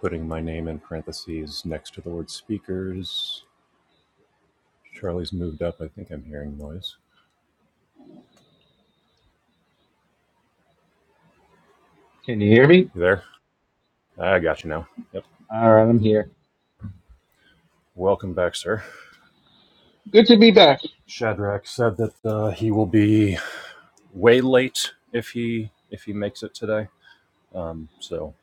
putting my name in parentheses next to the word speakers. Charlie's moved up. I think I'm hearing noise. Can you hear me? You there? I got you now. Yep. All right, I'm here. Welcome back, sir. Good to be back. Shadrach said that uh, he will be way late if he if he makes it today. Um, so,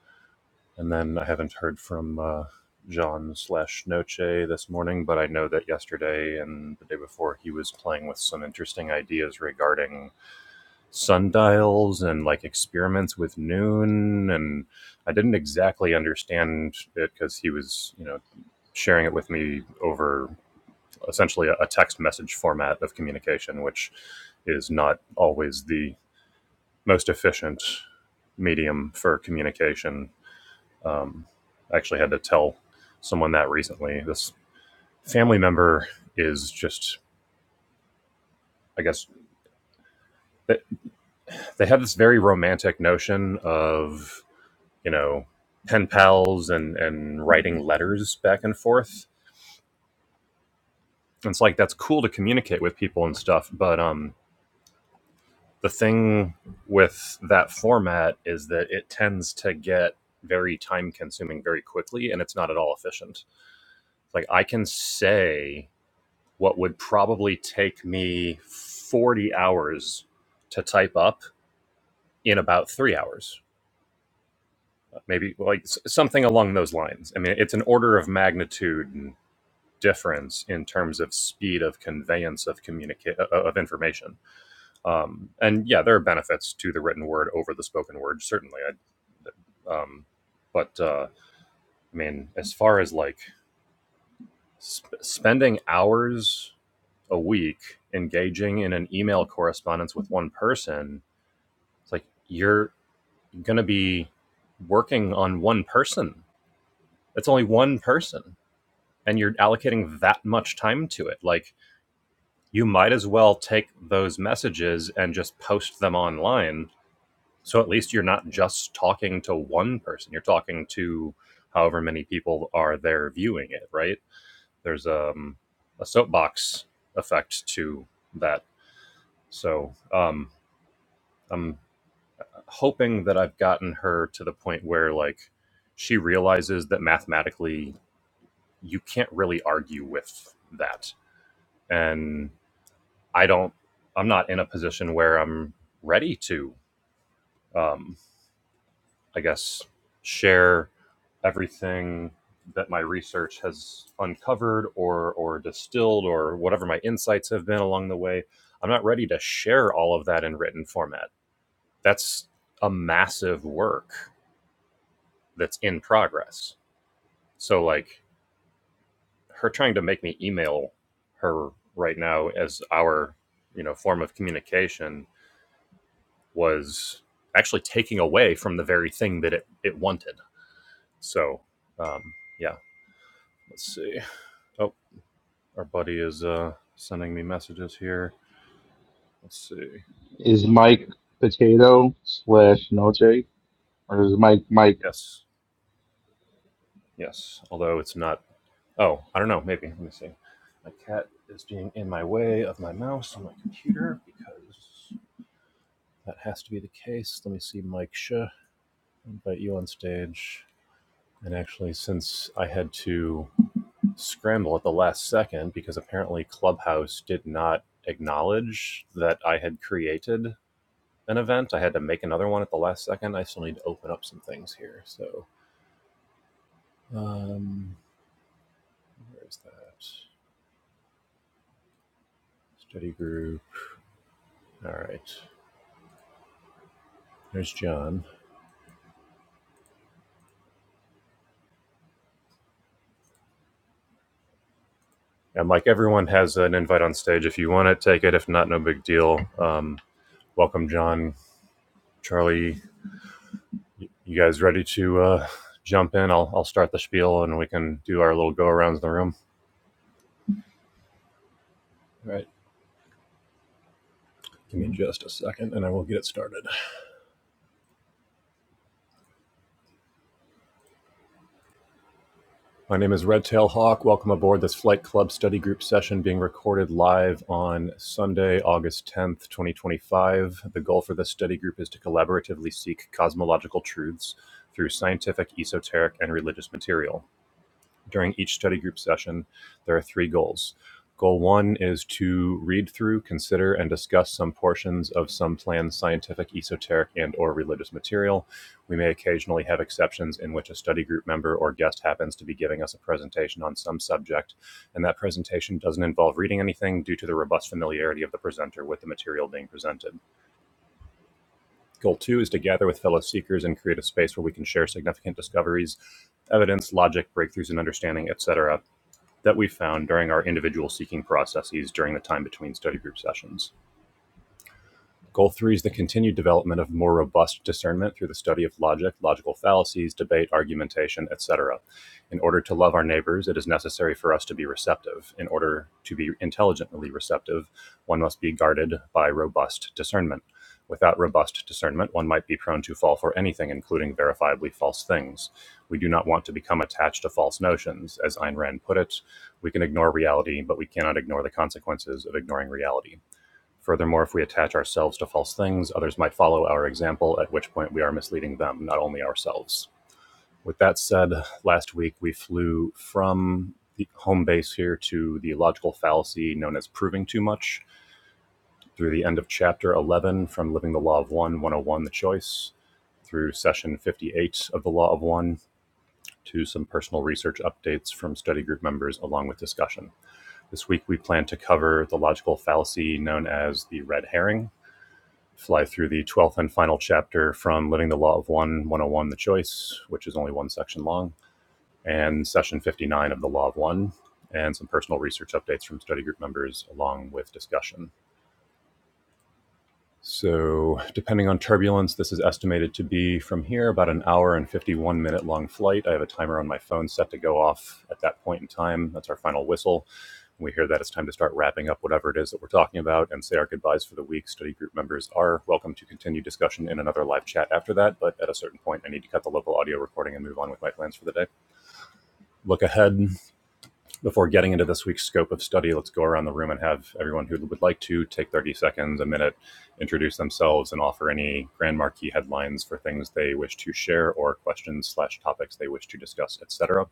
and then I haven't heard from uh, John slash Noche this morning, but I know that yesterday and the day before he was playing with some interesting ideas regarding sundials and like experiments with noon and i didn't exactly understand it because he was you know sharing it with me over essentially a, text message format of communication which is not always the most efficient medium for communication um, i actually had to tell someone that recently this family member is just i guess they, they have this very romantic notion of you know, pen pals and and writing letters back and forth. It's like that's cool to communicate with people and stuff, but um the thing with that format is that it tends to get very time consuming very quickly and it's not at all efficient. Like I can say what would probably take me 40 hours to type up in about 3 hours. Maybe like something along those lines. I mean, it's an order of magnitude difference in terms of speed of conveyance of communicate of information. Um, and yeah, there are benefits to the written word over the spoken word, certainly. I, um, but uh, I mean, as far as like sp- spending hours a week engaging in an email correspondence with one person, it's like you're going to be working on one person. It's only one person, and you're allocating that much time to it. Like you might as well take those messages and just post them online. So at least you're not just talking to one person. You're talking to however many people are there viewing it, right? There's um, a soapbox effect to that. So um, I'm hoping that I've gotten her to the point where like she realizes that mathematically you can't really argue with that. And I don't I'm not in a position where I'm ready to um, I guess, share everything that my research has uncovered or or distilled or whatever my insights have been along the way. I'm not ready to share all of that in written format. That's a massive work that's in progress. So like her trying to make me email her right now as our, you know, form of communication was actually taking away from the very thing that it, it wanted. So um yeah. Let's see. Oh, our buddy is uh, sending me messages here. Let's see. Is Mike Potato slash Noche or is Mike Mike? Yes. Yes. Although it's not. Oh, I don't know. Maybe. Let me see. My cat is being in my way of my mouse on my computer because that has to be the case. Let me see, Mike Shah. Invite you on stage. And actually, since I had to scramble at the last second because apparently Clubhouse did not acknowledge that I had created an event. I had to make another one at the last second. I still need to open up some things here. So, um, where is that? Study group. All right. There's John. And like everyone has an invite on stage. If you want it, take it. If not, no big deal. Um, welcome, John, Charlie. You guys ready to uh, jump in? I'll, I'll start the spiel and we can do our little go arounds in the room. All right. Give me just a second and I will get it started. My name is Redtail Hawk. Welcome aboard this Flight Club Study Group session being recorded live on Sunday, August 10th, 2025. The goal for this study group is to collaboratively seek cosmological truths through scientific, esoteric, and religious material during each study group session, there are three goals. Goal one is to read through, consider, and discuss some portions of some planned scientific, esoteric, and/or religious material. We may occasionally have exceptions in which a study group member or guest happens to be giving us a presentation on some subject, and that presentation doesn't involve reading anything due to the robust familiarity of the presenter with the material being presented. Goal two is to gather with fellow seekers and create a space where we can share significant discoveries, evidence, logic, breakthroughs in understanding, etc that we found during our individual seeking processes during the time between study group sessions. Goal three is the continued development of more robust discernment through the study of logic, logical fallacies, debate, argumentation, etc. In order to love our neighbors, it is necessary for us to be receptive. In order to be intelligently receptive, one must be guarded by robust discernment. Without robust discernment, one might be prone to fall for anything, including verifiably false things. We do not want to become attached to false notions. As Ayn Rand put it, we can ignore reality, but we cannot ignore the consequences of ignoring reality. Furthermore, if we attach ourselves to false things, others might follow our example, at which point we are misleading them, not only ourselves. With that said, last week we flew from the home base here to the logical fallacy known as proving too much, through the end of chapter 11 from Living the Law of One 101, The Choice, through session 58 of The Law of One, to some personal research updates from study group members along with discussion. This week we plan to cover the logical fallacy known as the red herring, fly through the 12th and final chapter from Living the Law of One, 101 The Choice, which is only one section long, and session 59 of The Law of One, and some personal research updates from study group members along with discussion. So, depending on turbulence, this is estimated to be from here about an hour and 51 minute long flight. I have a timer on my phone set to go off at that point in time. That's our final whistle. When we hear that, it's time to start wrapping up whatever it is that we're talking about and say our goodbyes for the week. Study group members are welcome to continue discussion in another live chat after that, but at a certain point, I need to cut the local audio recording and move on with my plans for the day. Look ahead, before getting into this week's scope of study, let's go around the room and have everyone who would like to take 30 seconds, a minute, introduce themselves, and offer any grand marquee headlines for things they wish to share or questions slash topics they wish to discuss, etc.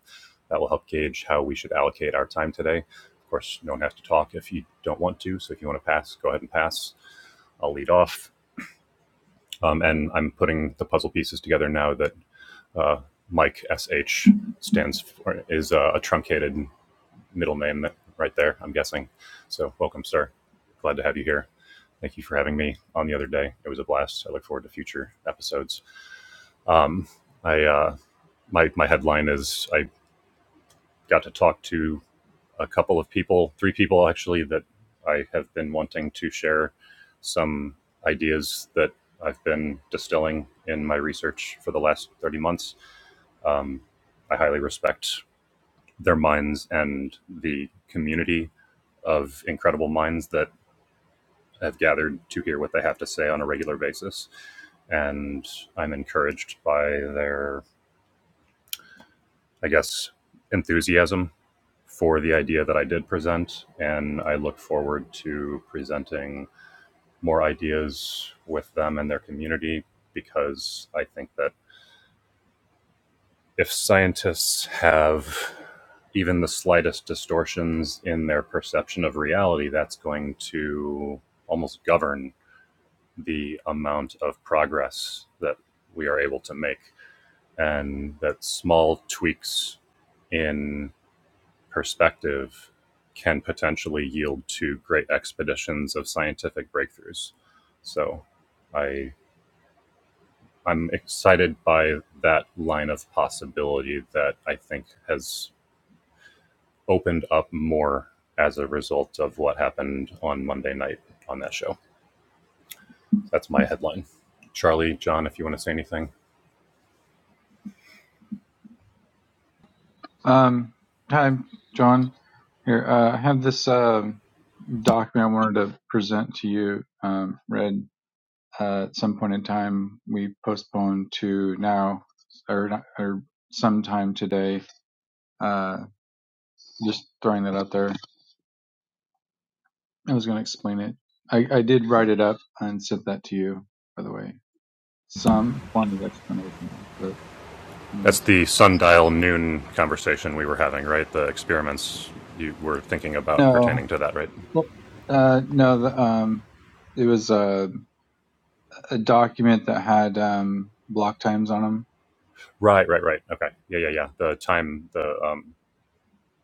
That will help gauge how we should allocate our time today. Of course, no one has to talk if you don't want to. So if you want to pass, go ahead and pass. I'll lead off. Um, and I'm putting the puzzle pieces together now that uh, Mike SH stands for is uh, a truncated middle name right there, I'm guessing. So, welcome, sir. Glad to have you here. Thank you for having me on the other day. It was a blast. I look forward to future episodes. Um, I uh, my my headline is I got to talk to a couple of people, three people actually, that I have been wanting to share some ideas that I've been distilling in my research for the last thirty months. Um, I highly respect their minds and the community of incredible minds that have gathered to hear what they have to say on a regular basis. And I'm encouraged by their, I guess, enthusiasm for the idea that I did present. And I look forward to presenting more ideas with them and their community because I think that if scientists have even the slightest distortions in their perception of reality, that's going to almost govern the amount of progress that we are able to make and that small tweaks in perspective can potentially yield to great expeditions of scientific breakthroughs. So I I'm excited by that line of possibility that I think has opened up more as a result of what happened on Monday night on that show. That's my headline. Charlie, John, if you want to say anything. Um, hi, John. Here, uh, I have this um, document I wanted to present to you. Um, read uh, at some point in time, we postponed to now or not- or sometime today. Uh, just throwing that out there. I was going to explain it. I, I did write it up and sent that to you, by the way. Some form of explanation, but That's anyways. the sundial noon conversation we were having, right? The experiments you were thinking about No, pertaining to that, right? well, uh, no. The, um, it was. uh, a document that had um, block times on them. Right, right, right. Okay. Yeah, yeah, yeah. The time, the um,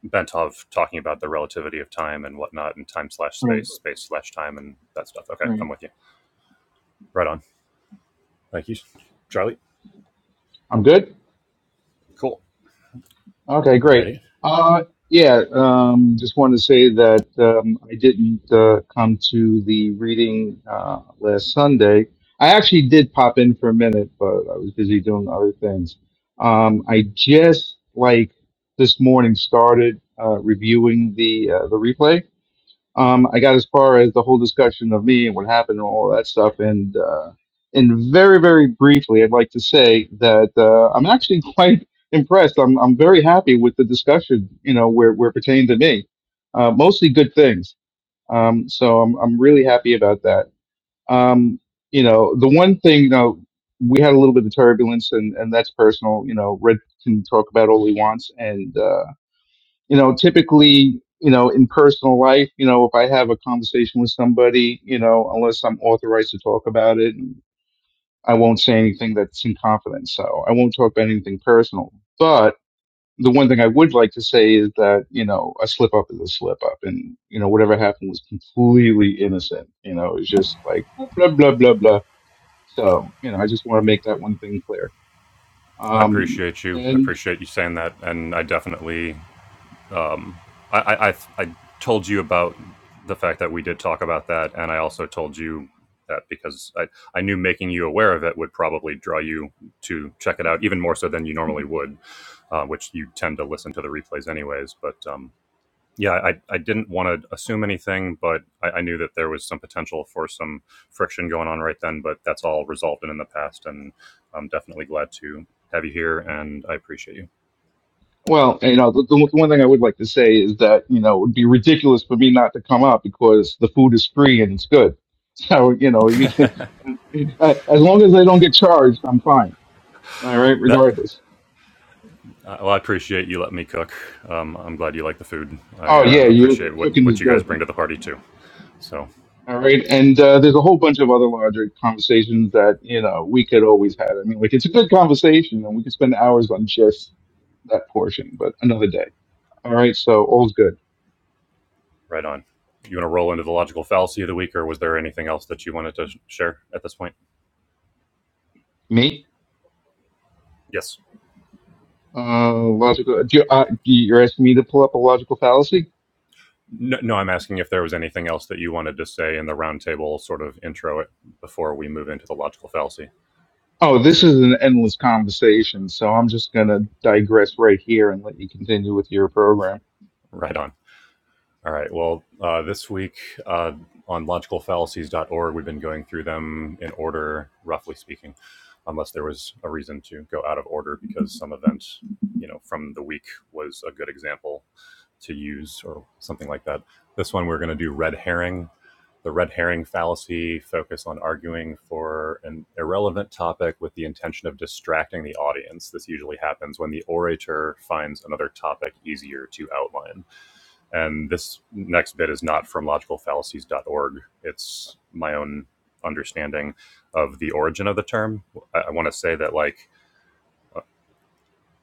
Bentov talking about the relativity of time and whatnot, and time slash Right, space, space slash time, and that stuff. Okay, right. I'm with you. Right on. Thank you, Charlie. I'm good. Cool. Okay, great. Alrighty. Uh, yeah. Um, just wanted to say that um, I didn't uh, come to the reading uh, last Sunday. I actually did pop in for a minute, but I was busy doing other things. Um, I just like this morning started uh, reviewing the uh, the replay Um, I got as far as the whole discussion of me and what happened and all that stuff, and uh, and very very briefly, I'd like to say that uh, I'm actually quite impressed. I'm I'm very happy with the discussion. You know, where where it pertained to me, uh, mostly good things. Um, so I'm I'm really happy about that. Um, you know, the one thing though, we had a little bit of turbulence, and and that's personal. You know, Red can talk about all he wants, and. Uh, you know, typically, you know, in personal life, you know, if I have a conversation with somebody, you know, unless I'm authorized to talk about it, I won't say anything that's in confidence. So I won't talk about anything personal. But the one thing I would like to say is that, you know, a slip up is a slip up and, you know, whatever happened was completely innocent. You know, it's just like blah, blah, blah, blah, blah. So, you know, I just want to make that one thing clear. I Um, appreciate you. I and appreciate you saying that, and I definitely I, I, I told you about the fact that we did talk about that, and I also told you that because I, I knew making you aware of it would probably draw you to check it out even more so than you normally would, uh, which you tend to listen to the replays anyways. But um, yeah, I, I didn't want to assume anything, but I, I knew that there was some potential for some friction going on right then, but that's all resolved and in the past, and I'm definitely glad to have you here, and I appreciate you. Well, you know, the, the one thing I would like to say is that, you know, it would be ridiculous for me not to come out because the food is free and it's good. So, you know, you can, uh, as long as they don't get charged, I'm fine. All right, That regardless. Uh, well, I appreciate you letting me cook. Um, I'm glad you like the food. I Oh, uh, yeah, your appreciate what, cooking is what you guys good. bring to the party, too. So, All right. And uh, there's a whole bunch of other larger conversations that, you know, we could always have. I mean, like, it's a good conversation and we could spend hours on just that portion, but another day. All right. So, all's good. right on. You want to roll into the logical fallacy of the week, or was there anything else that you wanted to sh- share at this point? Me? Yes. Uh, logical. Do you, uh, do you- you're asking me to pull up a logical fallacy? No, no, I'm asking if there was anything else that you wanted to say in the roundtable sort of intro it before we move into the logical fallacy. Oh, this is an endless conversation, so I'm just going to digress right here and let you continue with your program. Right on. All right. Well, uh, this week uh, on logical fallacies dot org, we've been going through them in order, roughly speaking, unless there was a reason to go out of order because some event, you know, from the week was a good example to use or something like that. This one, we're going to do red herring. The red herring fallacy focus on arguing for an irrelevant topic with the intention of distracting the audience. This usually happens when the orator finds another topic easier to outline and this next bit is not from logicalfallacies.org. It's my own understanding of the origin of the term. I, I want to say that, like,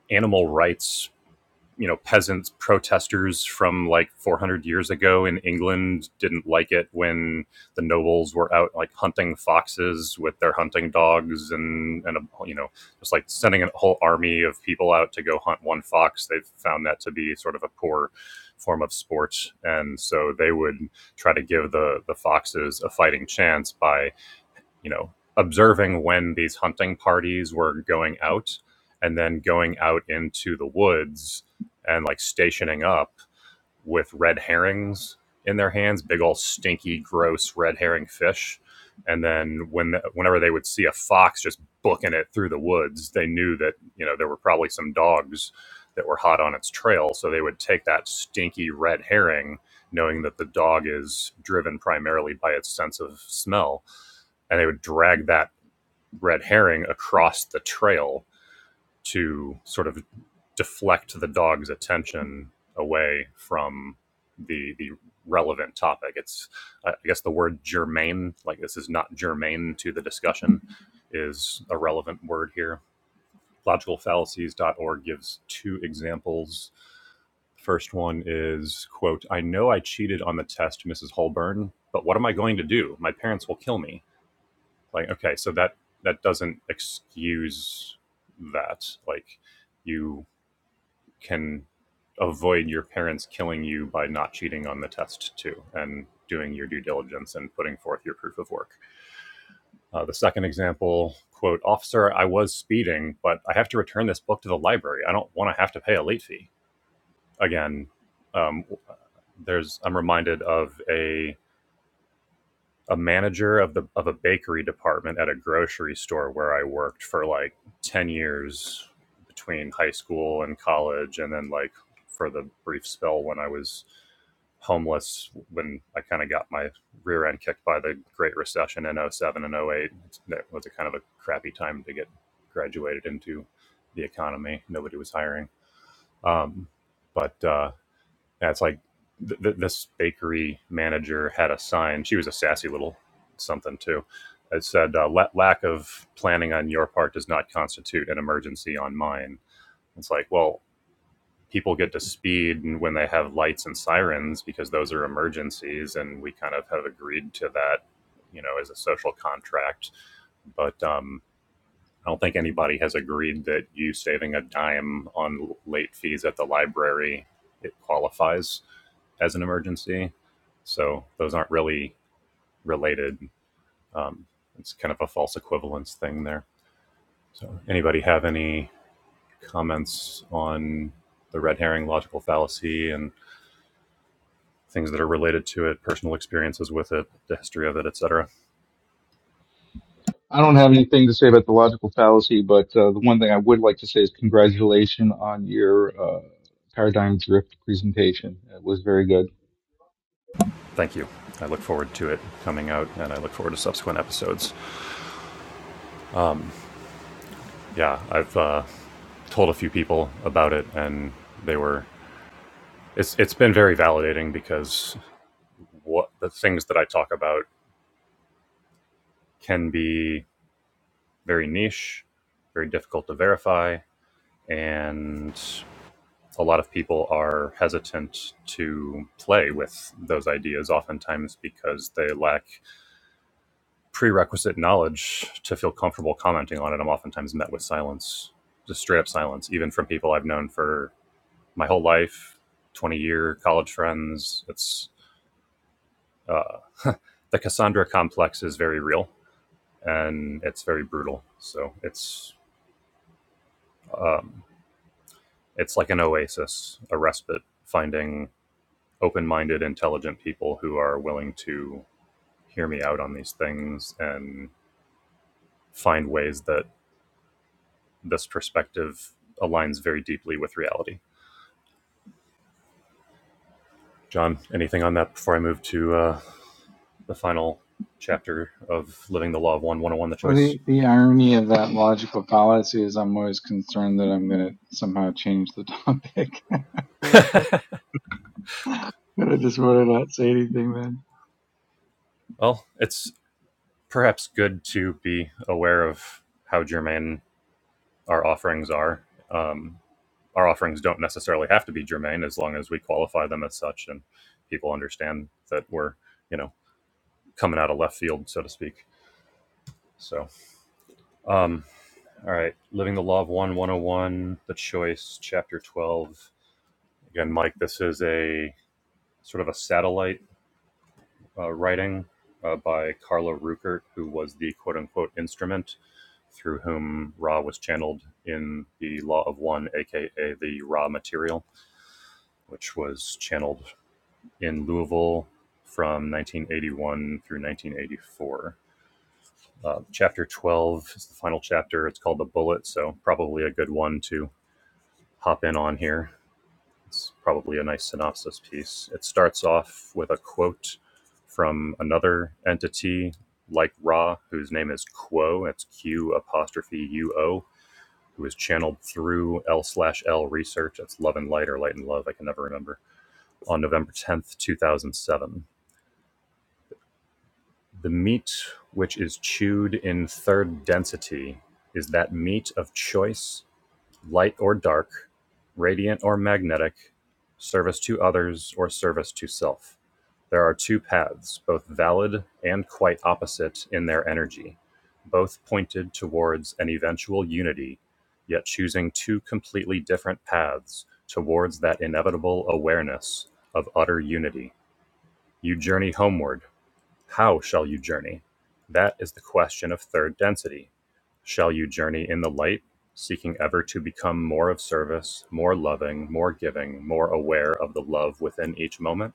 animal rights you know peasants protesters from like 400 years ago in England didn't like it when the nobles were out like hunting foxes with their hunting dogs and and um, you know just like sending a whole army of people out to go hunt one fox they found that to be sort of a poor form of sport and so they would try to give the the foxes a fighting chance by you know, observing when these hunting parties were going out and then going out into the woods and like stationing up with red herrings in their hands, big old stinky, gross red herring fish. And then when the, whenever they would see a fox just booking it through the woods, they knew that you know there were probably some dogs that were hot on its trail. So they would take that stinky red herring, knowing that the dog is driven primarily by its sense of smell, and they would drag that red herring across the trail to sort of deflect the dog's attention away from the the relevant topic. It's I guess the word germane, like this is not germane to the discussion, is a relevant word here. logical fallacies dot org gives two examples. The First one is quote, I know I cheated on the test, Mrs. Holburn, but what am I going to do? My parents will kill me. Like, okay, so that that doesn't excuse that. Like you can avoid your parents killing you by not cheating on the test too and doing your due diligence and putting forth your proof of work. Uh, the second example, quote, officer, I was speeding, but I have to return this book to the library. I don't want to have to pay a late fee. Again, um, there's I'm reminded of a a manager of the of a bakery department at a grocery store where I worked for like 10 years between high school and college and then like for the brief spell when I was homeless when I kind of got my rear end kicked by the great recession in oh seven and oh eight. that was a kind of a crappy time to get graduated into the economy nobody was hiring um, but uh, yeah, it's like th- th- this bakery manager had a sign. She was a sassy little something too. It said, uh, "La- "Lack of planning on your part does not constitute an emergency on mine." It's like, well, people get to speed when they have lights and sirens because those are emergencies, and we kind of have agreed to that, you know, as a social contract. But um, I don't think anybody has agreed that you saving a dime on late fees at the library it qualifies as an emergency. So those aren't really related. Um, it's kind of a false equivalence thing there. So anybody have any comments on the red herring logical fallacy and things that are related to it, personal experiences with it, the history of it, etc. I don't have anything to say about the logical fallacy, but uh, the one thing I would like to say is congratulations on your uh, paradigm drift presentation. It was very good. Thank you. I look forward to it coming out and I look forward to subsequent episodes. Yeah, I've uh, told a few people about it, and they were. It's it's been very validating because what the things that I talk about can be very niche, very difficult to verify, and a lot of people are hesitant to play with those ideas oftentimes because they lack prerequisite knowledge to feel comfortable commenting on it. I'm oftentimes met with silence, just straight up silence, even from people I've known for my whole life, 20 year college friends. It's uh, the Cassandra complex is very real and it's very brutal. So it's um, it's like an oasis, a respite, finding open-minded, intelligent people who are willing to hear me out on these things and find ways that this perspective aligns very deeply with reality. John, anything on that before I move to uh, the final chapter of Living the Law of One, 101 The Well, Choice? the the irony of that logical fallacy is I'm always concerned that I'm going to somehow change the topic. Wait for- but I just want to not say anything then. Well, it's perhaps good to be aware of how germane our offerings are. Um, our offerings don't necessarily have to be germane as long as we qualify them as such and people understand that we're, you know, coming out of left field, so to speak. So, um, all right, Living the Law of One, 101, The Choice, Chapter 12. Again, Mike, this is a sort of a satellite uh, writing uh, by Carla Ruckert, who was the quote unquote instrument through whom Ra was channeled in the Law of One, aka the Ra Material, which was channeled in Louisville from 1981 through 1984. Uh, chapter 12 is the final chapter. It's called The Bullet, so probably a good one to hop in on here. It's probably a nice synopsis piece. It starts off with a quote from another entity like Ra, whose name is Quo. It's Q apostrophe U O who was channeled through L slash L research. That's Love and Light or Light and Love. I can never remember. On November 10th, 2007. The meat which is chewed in third density is that meat of choice light or dark, radiant or magnetic, service to others or service to self. There are two paths, both valid and quite opposite in their energy, both pointed towards an eventual unity, yet choosing two completely different paths towards that inevitable awareness of utter unity. You journey homeward, how shall you journey? That is the question of third density. Shall you journey in the light, seeking ever to become more of service, more loving, more giving, more aware of the love within each moment?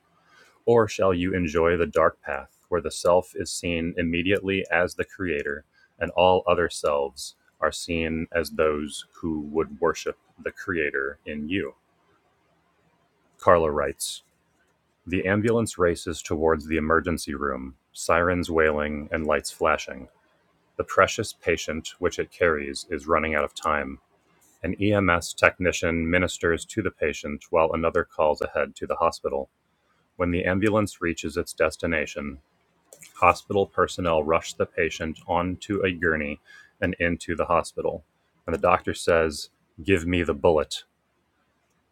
Or shall you enjoy the dark path where the self is seen immediately as the creator and all other selves are seen as those who would worship the creator in you? Carla writes The ambulance races towards the emergency room, sirens wailing and lights flashing. The precious patient which it carries is running out of time. An EMS technician ministers to the patient while another calls ahead to the hospital. When the ambulance reaches its destination, hospital personnel rush the patient onto a gurney and into the hospital. And the doctor says, Give me the bullet.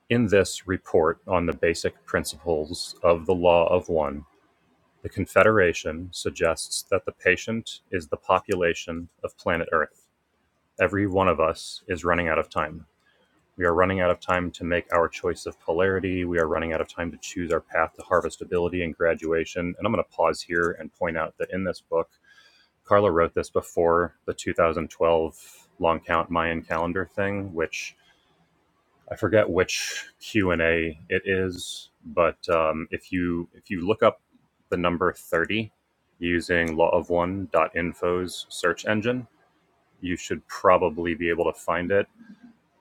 In this report on the basic principles of the law of one, the Confederation suggests that the patient is the population of planet Earth Every one of us is running out of time. We are running out of time to make our choice of polarity. We are running out of time to choose our path to harvestability and graduation. And I'm going to pause here and point out that in this book, Carla wrote this before the 2012 long count Mayan calendar thing, which I forget which Q and A it is, but um, if you if you look up the number 30 using lawofone dot Info's search engine, you should probably be able to find it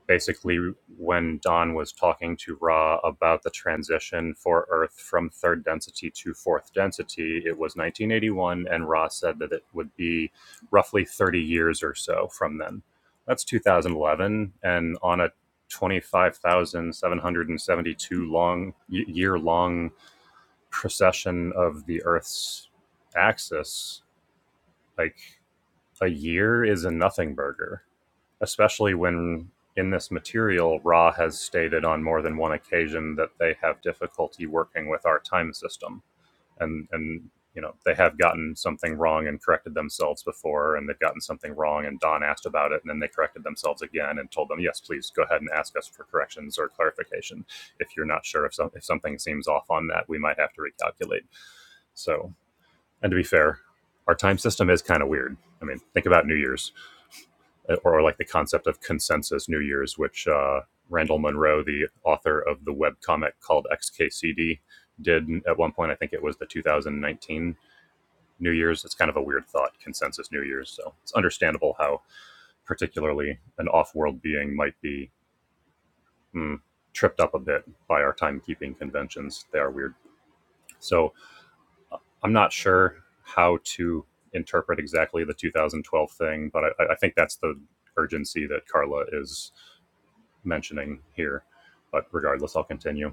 basically when Don was talking to Ra about the transition for Earth from third density to fourth density, it was 1981, and Ra said that it would be roughly 30 years or so from then. That's 2011, and on a 25,772 long year long year-long procession of the Earth's axis, like a year is a nothing burger especially when in this material, Ra has stated on more than one occasion that they have difficulty working with our time system, and and you know they have gotten something wrong and corrected themselves before, and they've gotten something wrong, and Don asked about it, and then they corrected themselves again and told them, yes, please go ahead and ask us for corrections or clarification if you're not sure if some, if something seems off on that, we might have to recalculate. So, and to be fair, our time system is kind of weird. I mean, think about New Year's or, like the concept of consensus New Year's, which uh, Randall Munroe, the author of the webcomic called XKCD, did at one point. I think it was the 2019 New Year's. It's kind of a weird thought, consensus New Year's. So it's understandable how, particularly, an off world being might be mm, tripped up a bit by our timekeeping conventions. They are weird. So I'm not sure how to interpret exactly the 2012 thing, but I, I think that's the urgency that Carla is mentioning here, but regardless, I'll continue.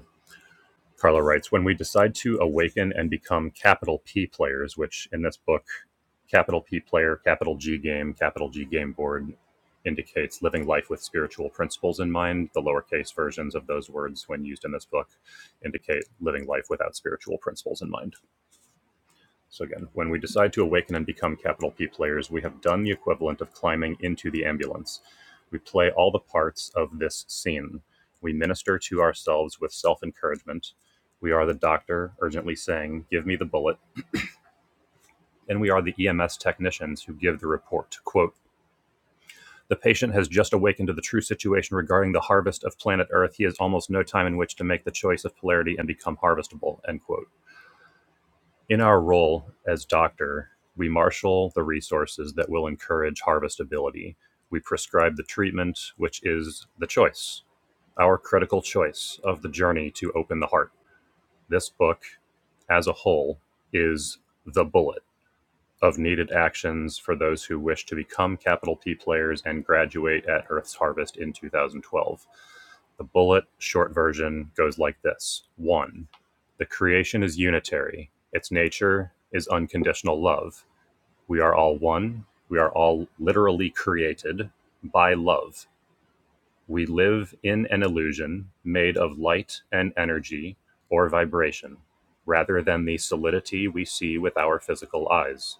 Carlo writes When we decide to awaken and become capital P players, which in this book, capital P player, capital G game, capital G game board indicates living life with spiritual principles in mind. The lowercase versions of those words, when used in this book, indicate living life without spiritual principles in mind. So again, when we decide to awaken and become capital P players, we have done the equivalent of climbing into the ambulance. We play all the parts of this scene. We minister to ourselves with self encouragement. We are the doctor urgently saying, Give me the bullet. And we are the EMS technicians who give the report. Quote, the patient has just awakened to the true situation regarding the harvest of planet Earth. He has almost no time in which to make the choice of polarity and become harvestable. End quote. In our role as doctor, we marshal the resources that will encourage harvestability. We prescribe the treatment, which is the choice, our critical choice of the journey to open the heart. This book, as a whole, is the bullet of needed actions for those who wish to become capital P players and graduate at Earth's Harvest in 2012. The bullet short version goes like this 1. The creation is unitary, its nature is unconditional love. We are all one, we are all literally created by love. We live in an illusion made of light and energy or vibration, rather than the solidity we see with our physical eyes.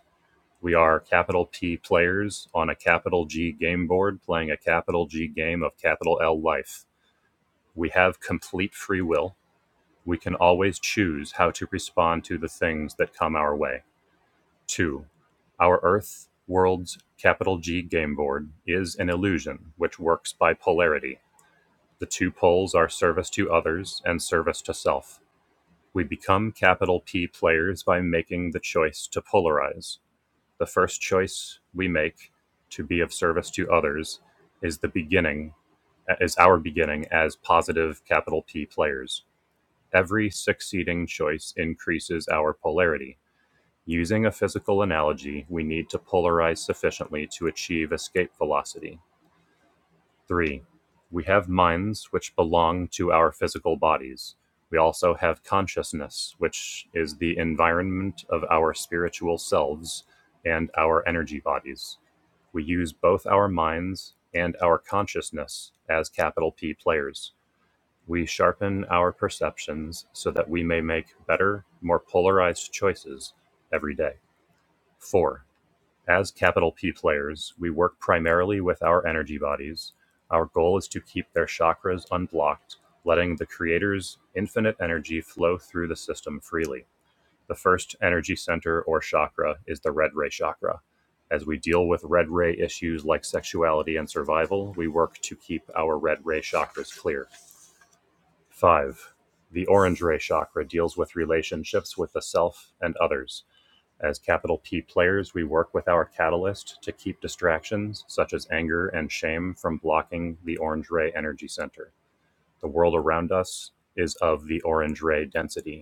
We are capital P players on a capital G game board playing a capital G game of capital L life. We have complete free will. We can always choose how to respond to the things that come our way. Two, our Earth world's capital G game board is an illusion which works by polarity. The two poles are service to others and service to self. We become capital P players by making the choice to polarize the first choice we make to be of service to others is the beginning is our beginning as positive capital P players. Every succeeding choice increases our polarity. Using a physical analogy, we need to polarize sufficiently to achieve escape velocity. 3. We have minds which belong to our physical bodies. We also have consciousness, which is the environment of our spiritual selves and our energy bodies. We use both our minds and our consciousness as capital P players. We sharpen our perceptions so that we may make better, more polarized choices every day. Four, as capital P players, we work primarily with our energy bodies. Our goal is to keep their chakras unblocked, letting the Creator's infinite energy flow through the system freely. The first energy center or chakra is the red ray chakra. As we deal with red ray issues like sexuality and survival, we work to keep our red ray chakras clear. Five, the orange ray chakra deals with relationships with the self and others. As capital P players, we work with our catalyst to keep distractions such as anger and shame from blocking the orange ray energy center. The world around us is of the orange ray density.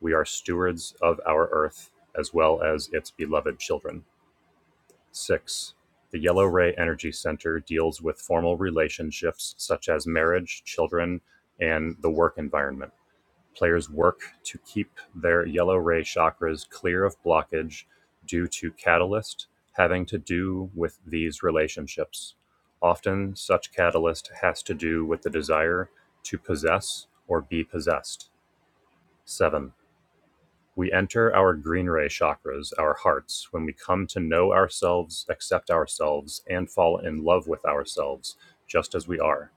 We are stewards of our Earth as well as its beloved children. 6. The Yellow Ray Energy Center deals with formal relationships such as marriage, children, and the work environment. Players work to keep their yellow ray chakras clear of blockage due to catalyst having to do with these relationships. Often, such catalyst has to do with the desire to possess or be possessed. 7 we enter our green ray chakras, our hearts, when we come to know ourselves, accept ourselves, and fall in love with ourselves just as we are.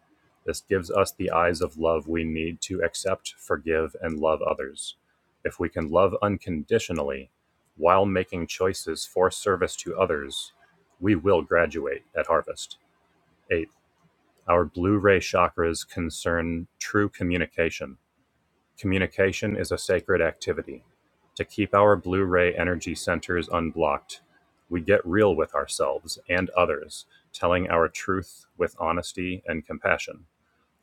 This gives us the eyes of love we need to accept, forgive, and love others. If we can love unconditionally while making choices for service to others, we will graduate at harvest. Eighth, our blue ray chakras concern true communication Communication is a sacred activity. To keep our Blu-ray energy centers unblocked, we get real with ourselves and others, telling our truth with honesty and compassion.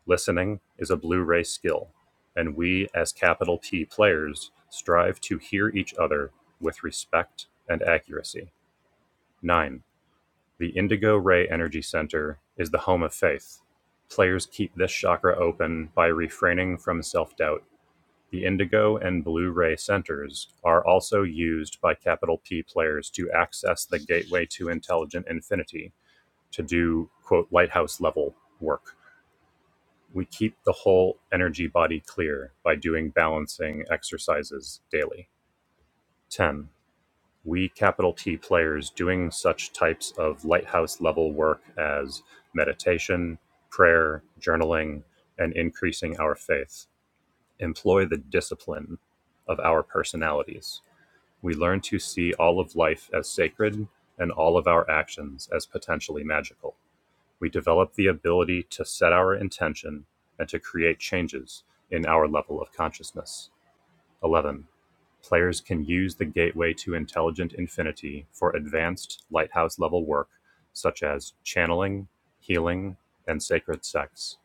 Listening is a Blu-ray skill, and we as capital P players strive to hear each other with respect and accuracy. 9. The Indigo Ray Energy Center is the home of faith. Players keep this chakra open by refraining from self doubt the Indigo and Blu-ray centers are also used by Capital P players to access the gateway to Intelligent Infinity to do quote lighthouse level work. We keep the whole energy body clear by doing balancing exercises daily. 10. We capital T players doing such types of lighthouse level work as meditation, prayer, journaling, and increasing our faith employ the discipline of our personalities We learn to see all of life as sacred and all of our actions as potentially magical. We develop the ability to set our intention and to create changes in our level of consciousness. 11. Players can use the Gateway to Intelligent Infinity for advanced lighthouse-level work such as channeling, healing, and sacred sex.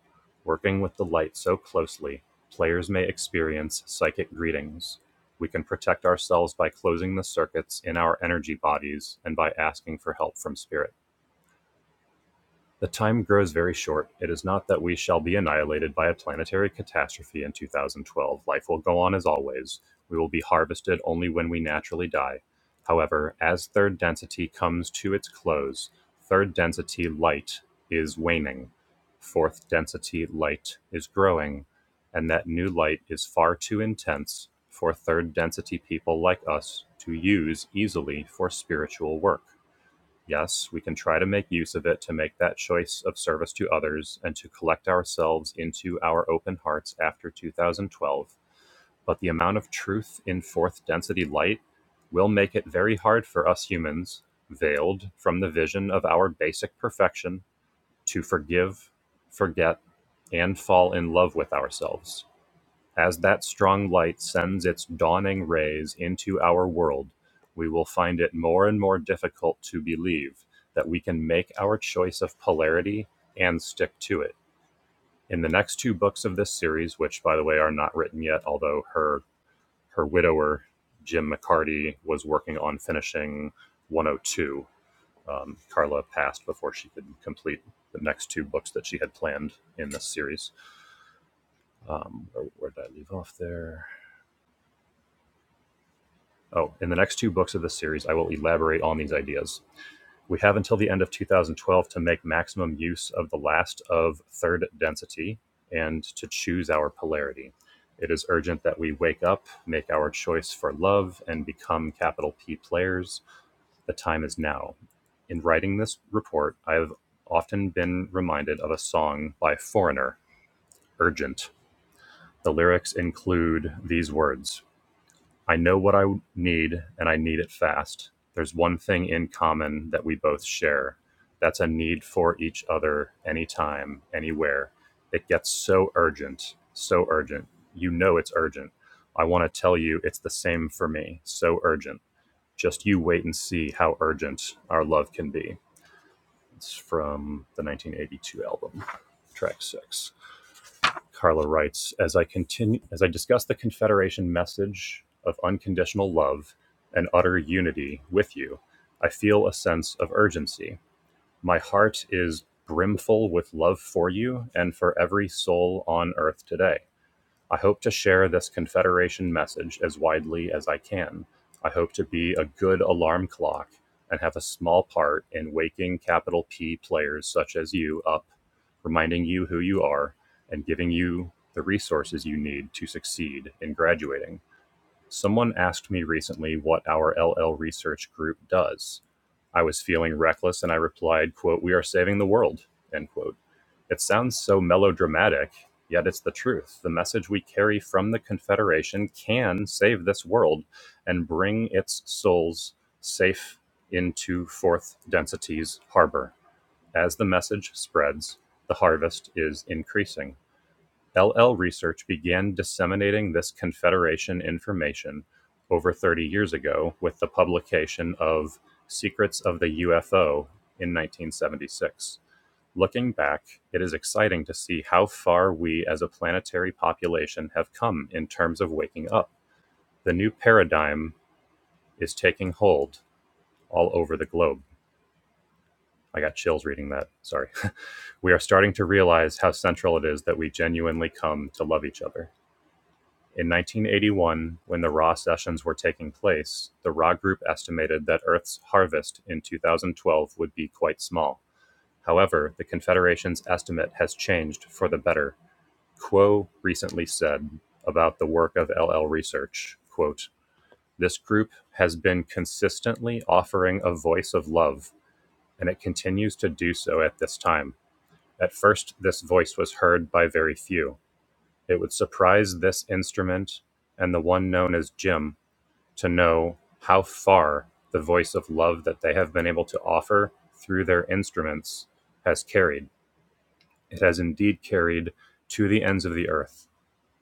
Working with the light so closely, players may experience psychic greetings. We can protect ourselves by closing the circuits in our energy bodies and by asking for help from spirit. The time grows very short. It is not that we shall be annihilated by a planetary catastrophe in 2012. Life will go on as always. We will be harvested only when we naturally die. However, as third density comes to its close, third density light is waning. Fourth density light is growing, and that new light is far too intense for third density people like us to use easily for spiritual work. Yes, we can try to make use of it to make that choice of service to others and to collect ourselves into our open hearts after 2012, but the amount of truth in fourth density light will make it very hard for us humans, veiled from the vision of our basic perfection, to forgive, forget, and fall in love with ourselves. As that strong light sends its dawning rays into our world, we will find it more and more difficult to believe that we can make our choice of polarity and stick to it. In the next two books of this series, which by the way are not written yet, although her her widower Jim McCarty was working on finishing 102. Um, Carla passed before she could complete the next two books that she had planned in this series. Um, where, where did I leave off there? Oh, in the next two books of this series, I will elaborate on these ideas. We have until the end of 2012 to make maximum use of the last of third density and to choose our polarity. It is urgent that we wake up, make our choice for love, and become capital P players. The time is now. In writing this report, I have often been reminded of a song by Foreigner, Urgent. The lyrics include these words I know what I need and I need it fast. There's one thing in common that we both share. That's a need for each other anytime, anywhere. It gets so urgent, so urgent. You know it's urgent. I want to tell you it's the same for me. So urgent. Just you wait and see how urgent our love can be. It's from the 1982 album, track six. Carla writes, as I continue as I discuss the Confederation message of unconditional love and utter unity with you, I feel a sense of urgency. My heart is brimful with love for you and for every soul on earth today. I hope to share this Confederation message as widely as I can. I hope to be a good alarm clock and have a small part in waking capital P players such as you up, reminding you who you are, and giving you the resources you need to succeed in graduating. Someone asked me recently what our LL research group does. I was feeling reckless and I replied, quote, We are saving the world, end quote. It sounds so melodramatic, yet it's the truth. The message we carry from the Confederation can save this world and bring its souls safe into Fourth Density's harbor. As the message spreads, the harvest is increasing. LL Research began disseminating this Confederation information over 30 years ago with the publication of Secrets of the UFO in 1976. Looking back, it is exciting to see how far we as a planetary population have come in terms of waking up. The new paradigm is taking hold all over the globe. I got chills reading that. Sorry. we are starting to realize how central it is that we genuinely come to love each other. In 1981, when the raw sessions were taking place, the raw group estimated that Earth's harvest in 2012 would be quite small. However, the Confederation's estimate has changed for the better Kuo recently said about the work of LL Research, quote, This group has been consistently offering a voice of love, and it continues to do so at this time. At first, this voice was heard by very few. It would surprise this instrument and the one known as Jim to know how far the voice of love that they have been able to offer through their instruments has carried. It has indeed carried to the ends of the earth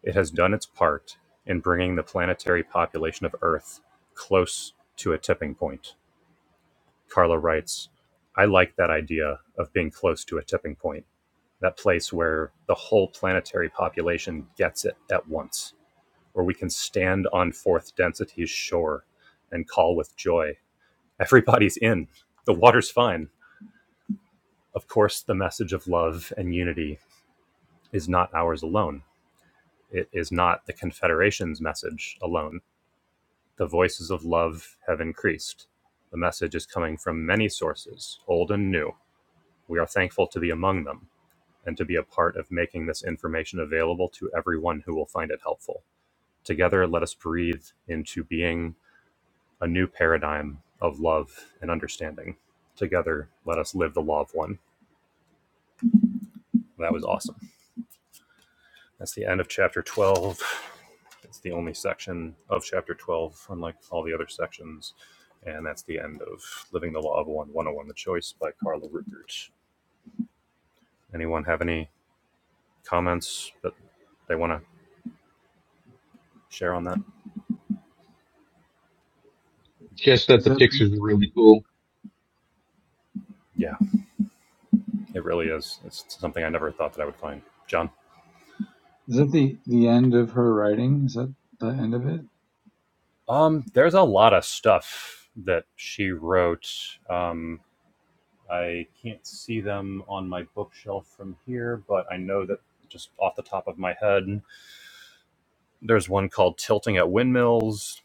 It has done its part in bringing the planetary population of Earth close to a tipping point. Carla writes, I like that idea of being close to a tipping point, that place where the whole planetary population gets it at once, where we can stand on fourth density's shore and call with joy. Everybody's in. The water's fine. Of course, the message of love and unity is not ours alone. It is not the Confederation's message alone The voices of love have increased. The message is coming from many sources, old and new. We are thankful to be among them and to be a part of making this information available to everyone who will find it helpful. Together, let us breathe into being a new paradigm of love and understanding. Together, let us live the law of one. That was awesome. That's the end of chapter 12. It's the only section of chapter 12, unlike all the other sections. And that's the end of Living the Law of One 101 The Choice by Carla Rukert. Anyone have any comments that they want to share on that? Just that Is the that pictures are really cool. Yeah, it really is. It's something I never thought that I would find. John? is that the the end of her writing? Is that the end of it? Um, there's a lot of stuff that she wrote. Um, I can't see them on my bookshelf from here, but I know that just off the top of my head, there's one called Tilting at Windmills,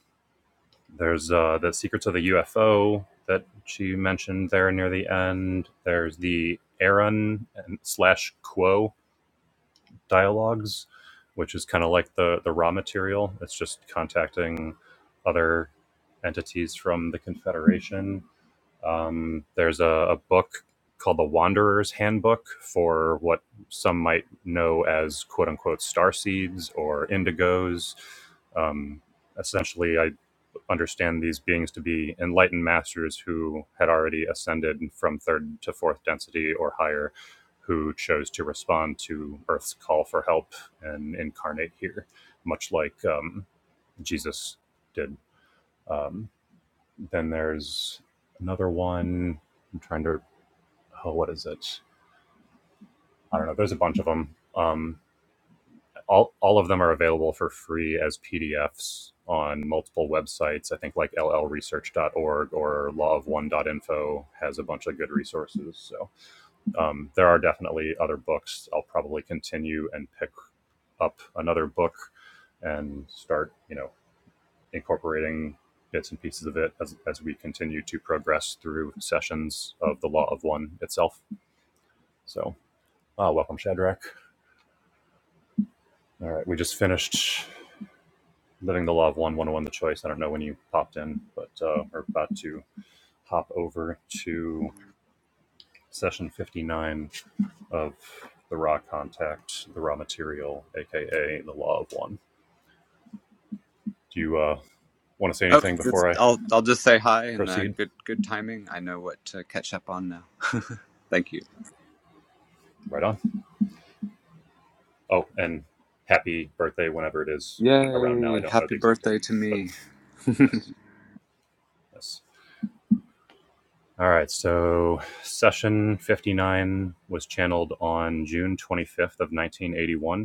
There's uh, the Secrets of the UFO that she mentioned there near the end. There's the Aaron slash Quo dialogues, which is kind of like the the raw material. It's just contacting other entities from the Confederation. Um, there's a, a book called the Wanderer's Handbook for what some might know as quote unquote star seeds or indigos. Um, essentially, I understand these beings to be enlightened masters who had already ascended from third to fourth density or higher, who chose to respond to Earth's call for help and incarnate here, much like um, Jesus did. Um, then there's another one. I'm trying to. Oh, what is it? I don't know. There's a bunch of them. Um, all all of them are available for free as PDFs on multiple websites. I think like L L research dot org or law of one dot info has a bunch of good resources. So um, there are definitely other books. I'll probably continue and pick up another book and start, you know, incorporating bits and pieces of it as, as we continue to progress through sessions of the Law of One itself. So uh, welcome, Shadrach. All right, we just finished Living the Law of One, 101 The Choice. I don't know when you popped in, but uh, we're about to hop over to session 59 of The Raw Contact, The Raw Material, aka The Law of One. Do you uh, want to say Oh, anything just before I I'll I'll just say hi and uh, proceed? good good timing. I know what to catch up on now. Thank you. Right on. Oh, and happy birthday whenever it is around now. I Yay! don't know Happy the exact date, birthday to but me. yes. All right, so session 59 was channeled on June 25th of 1981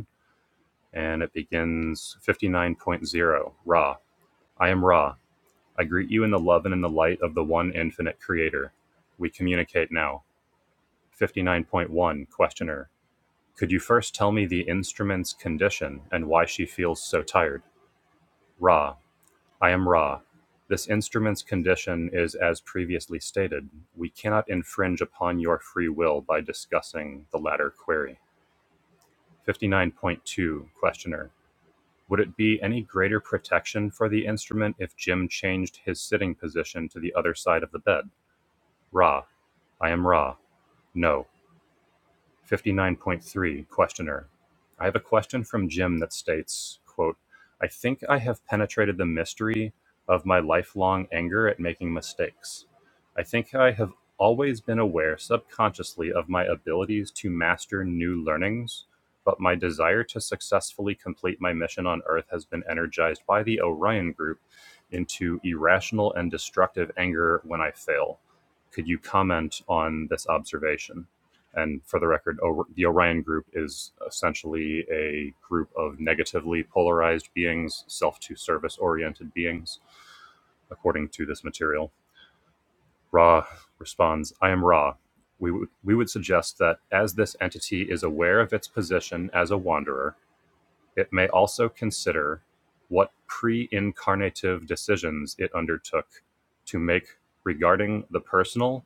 and it begins fifty nine point zero. Ra. I am Ra. I greet you in the love and in the light of the one infinite creator. We communicate now. 59.1 Questioner. Could you first tell me the instrument's condition and why she feels so tired? Ra. I am Ra. This instrument's condition is as previously stated. We cannot infringe upon your free will by discussing the latter query. 59.2 Questioner. Would it be any greater protection for the instrument if Jim changed his sitting position to the other side of the bed? Ra. I am Ra. No. 59.3 questioner i have a question from jim that states quote i think i have penetrated the mystery of my lifelong anger at making mistakes i think i have always been aware subconsciously of my abilities to master new learnings but my desire to successfully complete my mission on earth has been energized by the orion group into irrational and destructive anger when i fail could you comment on this observation and for the record, o- the Orion group is essentially a group of negatively polarized beings, self to service oriented beings, according to this material. Ra responds, I am Ra. We, would we would suggest that as this entity is aware of its position as a wanderer, it may also consider what pre incarnative decisions it undertook to make regarding the personal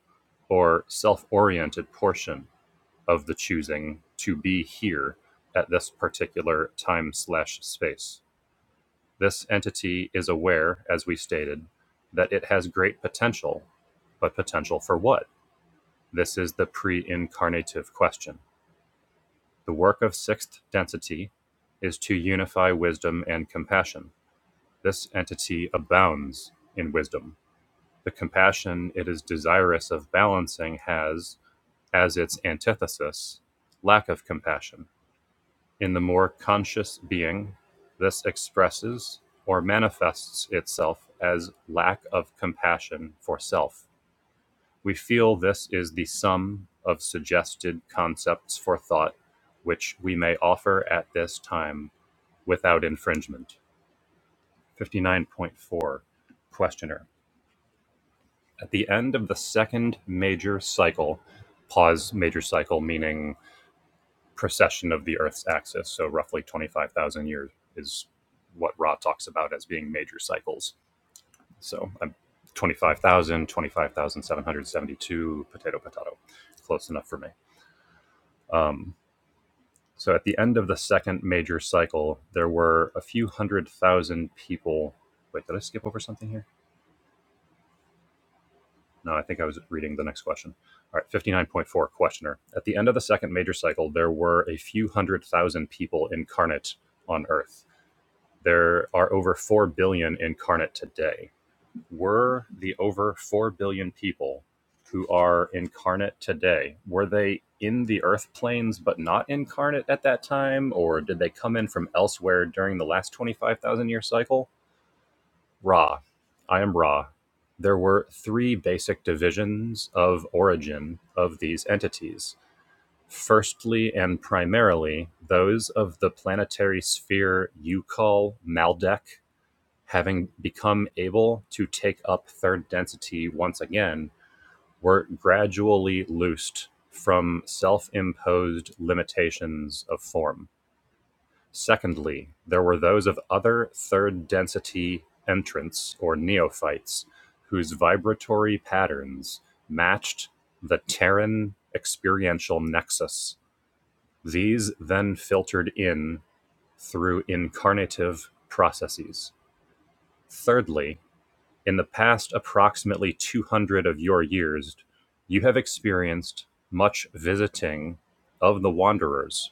or self oriented portion of the choosing to be here at this particular time slash space. This entity is aware, as we stated, that it has great potential, but potential for what? This is the pre incarnative question. The work of sixth density is to unify wisdom and compassion. This entity abounds in wisdom. The compassion it is desirous of balancing has, as its antithesis, lack of compassion In the more conscious being, this expresses or manifests itself as lack of compassion for self. We feel this is the sum of suggested concepts for thought which we may offer at this time without infringement. 59.4 Questioner. At the end of the second major cycle, pause major cycle meaning precession of the Earth's axis. So roughly 25,000 years is what Ra talks about as being major cycles. So I'm potato, potato. Close enough for me. Um, so at the end of the second major cycle, there were a few hundred thousand people. Wait, did I skip over something here? No, I think I was reading the next question. All right, 59.4 questioner. At the end of the second major cycle, there were a few hundred thousand people incarnate on Earth. There are over 4 billion incarnate today. Were the over 4 billion people who are incarnate today, were they in the earth planes but not incarnate at that time? Or did they come in from elsewhere during the last 25,000 year cycle? Ra. I am Ra. There were three basic divisions of origin of these entities. Firstly and primarily, those of the planetary sphere you call Maldek having become able to take up third density once again, were gradually loosed from self imposed limitations of form. Secondly, there were those of other third density entrants or neophytes whose vibratory patterns matched the Terran experiential nexus. These then filtered in through incarnative processes. Thirdly, In the past approximately 200 of your years, you have experienced much visiting of the wanderers.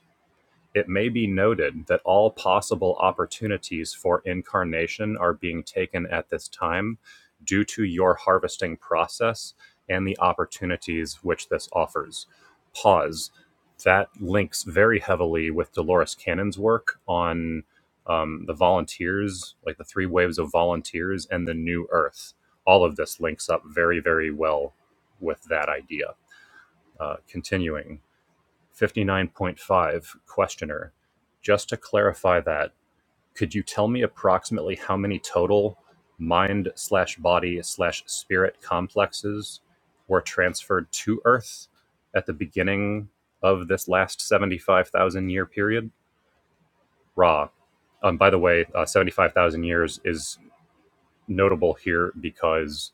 It may be noted that all possible opportunities for incarnation are being taken at this time due to your harvesting process and the opportunities which this offers. Pause. That links very heavily with Dolores Cannon's work on um, the volunteers, like the three waves of volunteers and the new earth. All of this links up very, very well with that idea. Uh, continuing. 59.5 Questioner, just to clarify that, could you tell me approximately how many total mind slash body slash spirit complexes were transferred to Earth at the beginning of this last 75,000 year period? Ra. Um, by the way, uh, 75,000 years is notable here because,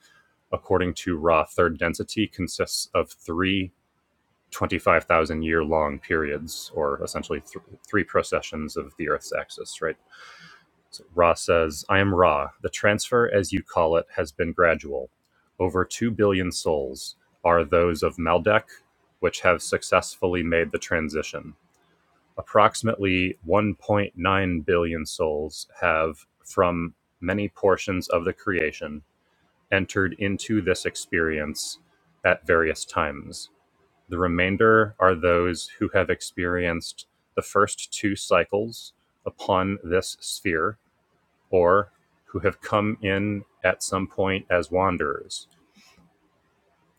according to Ra, third density consists of three 25,000 year long periods, or essentially th- three processions of the Earth's axis, right? So Ra says, I am Ra. The transfer, as you call it, has been gradual. Over 2 billion souls are those of Maldek, which have successfully made the transition. Approximately 1.9 billion souls have, from many portions of the creation, entered into this experience at various times the remainder are those who have experienced the first two cycles upon this sphere, or who have come in at some point as wanderers.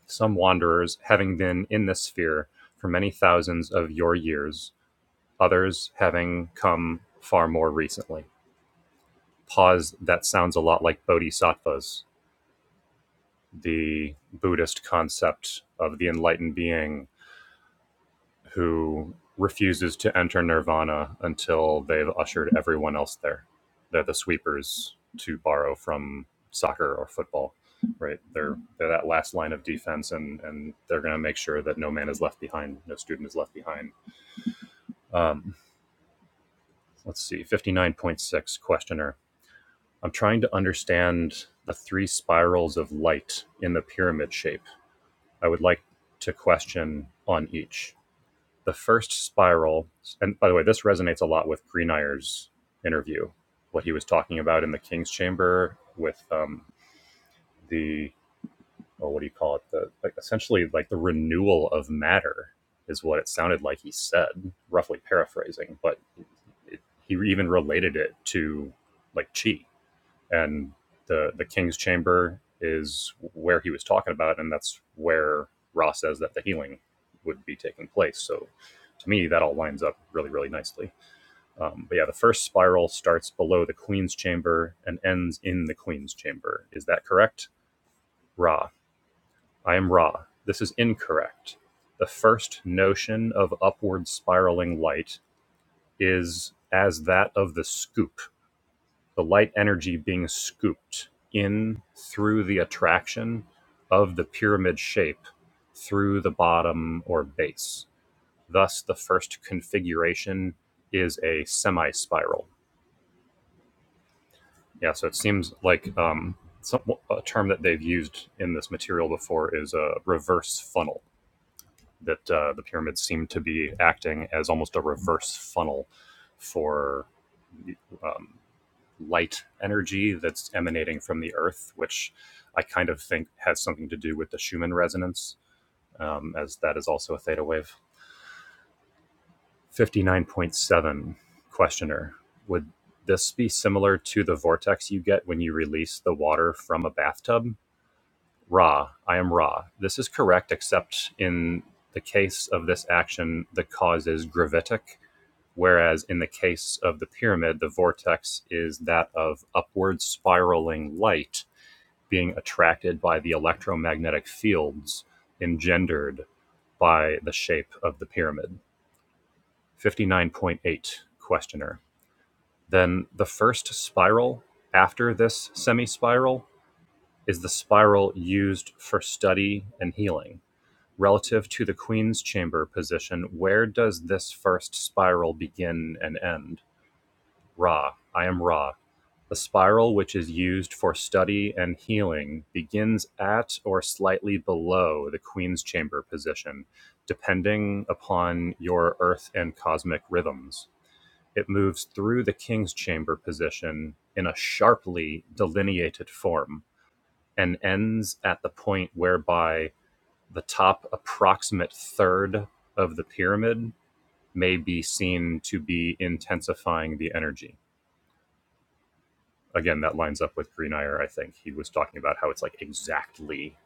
Some wanderers having been in this sphere for many thousands of your years, others having come far more recently. Pause, that sounds a lot like bodhisattvas, the Buddhist concept of the enlightened being who refuses to enter Nirvana until they've ushered everyone else there. They're the sweepers to borrow from soccer or football, right? They're they're that last line of defense, and and they're going to make sure that no man is left behind, no student is left behind. Um, let's see, fifty nine point six questioner. I'm trying to understand the three spirals of light in the pyramid shape. I would like to question on each. the first spiral and by the way this resonates a lot with greeneyer's interview what he was talking about in the king's chamber with um, the well, what do you call it the like essentially like the renewal of matter is what it sounded like he said roughly paraphrasing but it, he even related it to like chi and the the king's chamber is where he was talking about and that's where Ra says that the healing would be taking place so to me that all lines up really really nicely um, but yeah the first spiral starts below the queen's chamber and ends in the queen's chamber is that correct Ra I am Ra this is incorrect the first notion of upward spiraling light is as that of the scoop the light energy being scooped in through the attraction of the pyramid shape through the bottom or base. Thus, the first configuration is a semi spiral. Yeah, so it seems like um, some, a term that they've used in this material before is a reverse funnel, that uh, the pyramids seem to be acting as almost a reverse funnel for. Um, light energy that's emanating from the earth, which I kind of think has something to do with the Schumann resonance, um, as that is also a theta wave. 59.7 questioner Would this be similar to the vortex you get when you release the water from a bathtub? Ra, I am Ra. This is correct, except in the case of this action, the cause is gravitic, whereas in the case of the pyramid, the vortex is that of upward spiraling light being attracted by the electromagnetic fields engendered by the shape of the pyramid. 59.8 Questioner. Then the first spiral after this semi spiral is the spiral used for study and healing. Relative to the Queen's Chamber position, where does this first spiral begin and end? Ra, I am Ra. The spiral which is used for study and healing begins at or slightly below the Queen's Chamber position, depending upon your Earth and cosmic rhythms. It moves through the King's Chamber position in a sharply delineated form and ends at the point whereby the top approximate third of the pyramid may be seen to be intensifying the energy. again, that lines up with Greenire. I think he was talking about how it's like exactly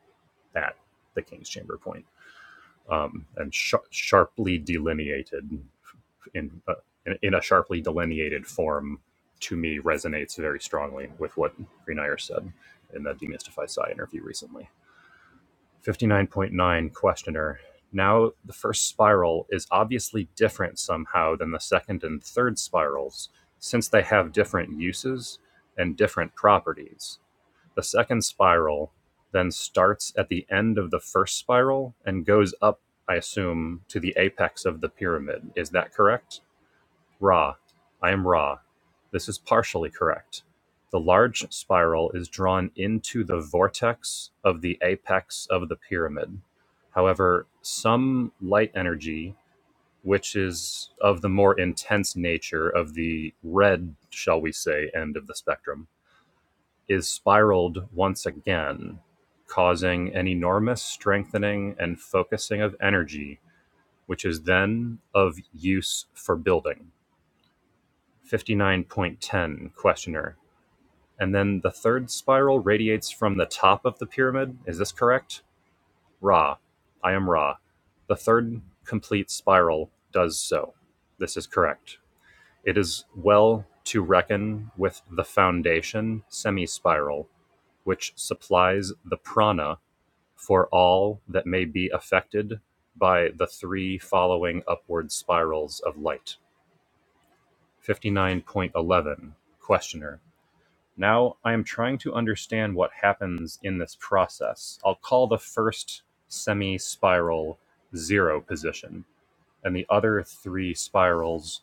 at the King's Chamber point, um, and sh- sharply delineated in, uh, in in a sharply delineated form. To me, resonates very strongly with what Greenire said in the Demystify Psy interview recently. Fifty-nine point nine questioner. Now, the first spiral is obviously different somehow than the second and third spirals, since they have different uses and different properties the second spiral then starts at the end of the first spiral and goes up, I assume, to the apex of the pyramid. Is that correct? Ra. I am Ra. This is partially correct. The large spiral is drawn into the vortex of the apex of the pyramid. However, some light energy, which is of the more intense nature of the red, shall we say, end of the spectrum, is spiraled once again, causing an enormous strengthening and focusing of energy, which is then of use for building. 59.10 Questioner. And then the third spiral radiates from the top of the pyramid. Is this correct? Ra. I am Ra. The third complete spiral does so. This is correct. It is well to reckon with the foundation semi spiral which supplies the prana for all that may be affected by the three following upward spirals of light. 59.11 Questioner. Now I am trying to understand what happens in this process. I'll call the first semi spiral zero position and the other three spirals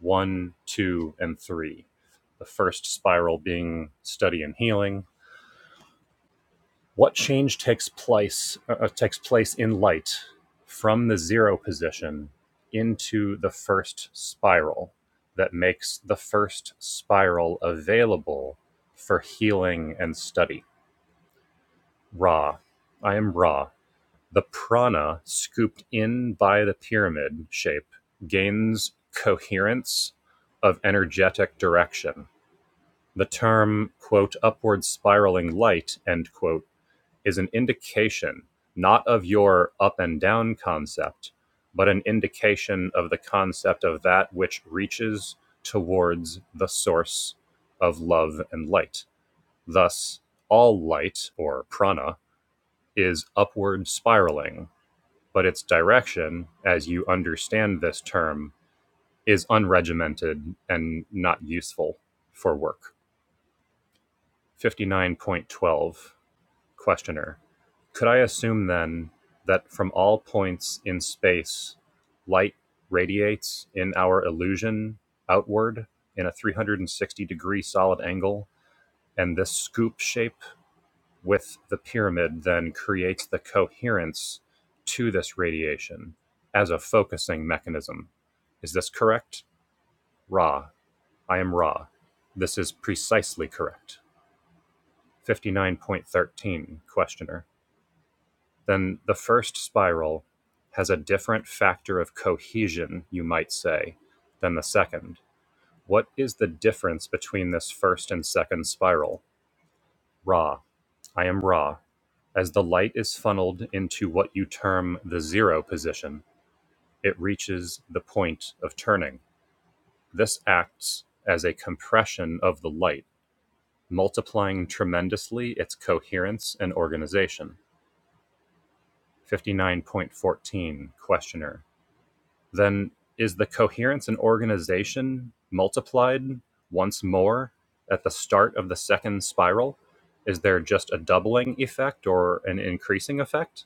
one, two, and three. The first spiral being study and healing, What change takes place uh, uh, takes place in light from the zero position into the first spiral that makes the first spiral available for healing and study? Ra, I am Ra. The prana scooped in by the pyramid shape gains coherence of energetic direction. The term, quote, upward spiraling light, end quote is an indication not of your up and down concept, but an indication of the concept of that which reaches towards the source of love and light. Thus, all light or prana is upward spiraling, but its direction, as you understand this term, is unregimented and not useful for work. 59.12 Questioner: Could I assume, then, that from all points in space light radiates, in our illusion, outward in a 360-degree solid angle, and this scoop shape with the pyramid then creates the coherence to this radiation as a focusing mechanism? Is this correct? Ra. I am Ra. This is precisely correct. 59.13. Questioner: then the first spiral has a different factor of cohesion, you might say, than the second. What is the difference between this first and second spiral? Ra. I am Ra. As the light is funneled into what you term the zero position, it reaches the point of turning. This acts as a compression of the light, multiplying tremendously its coherence and organization. 59.14 Questioner then is the coherence and organization multiplied once more at the start of the second spiral? Is there just a doubling effect or an increasing effect?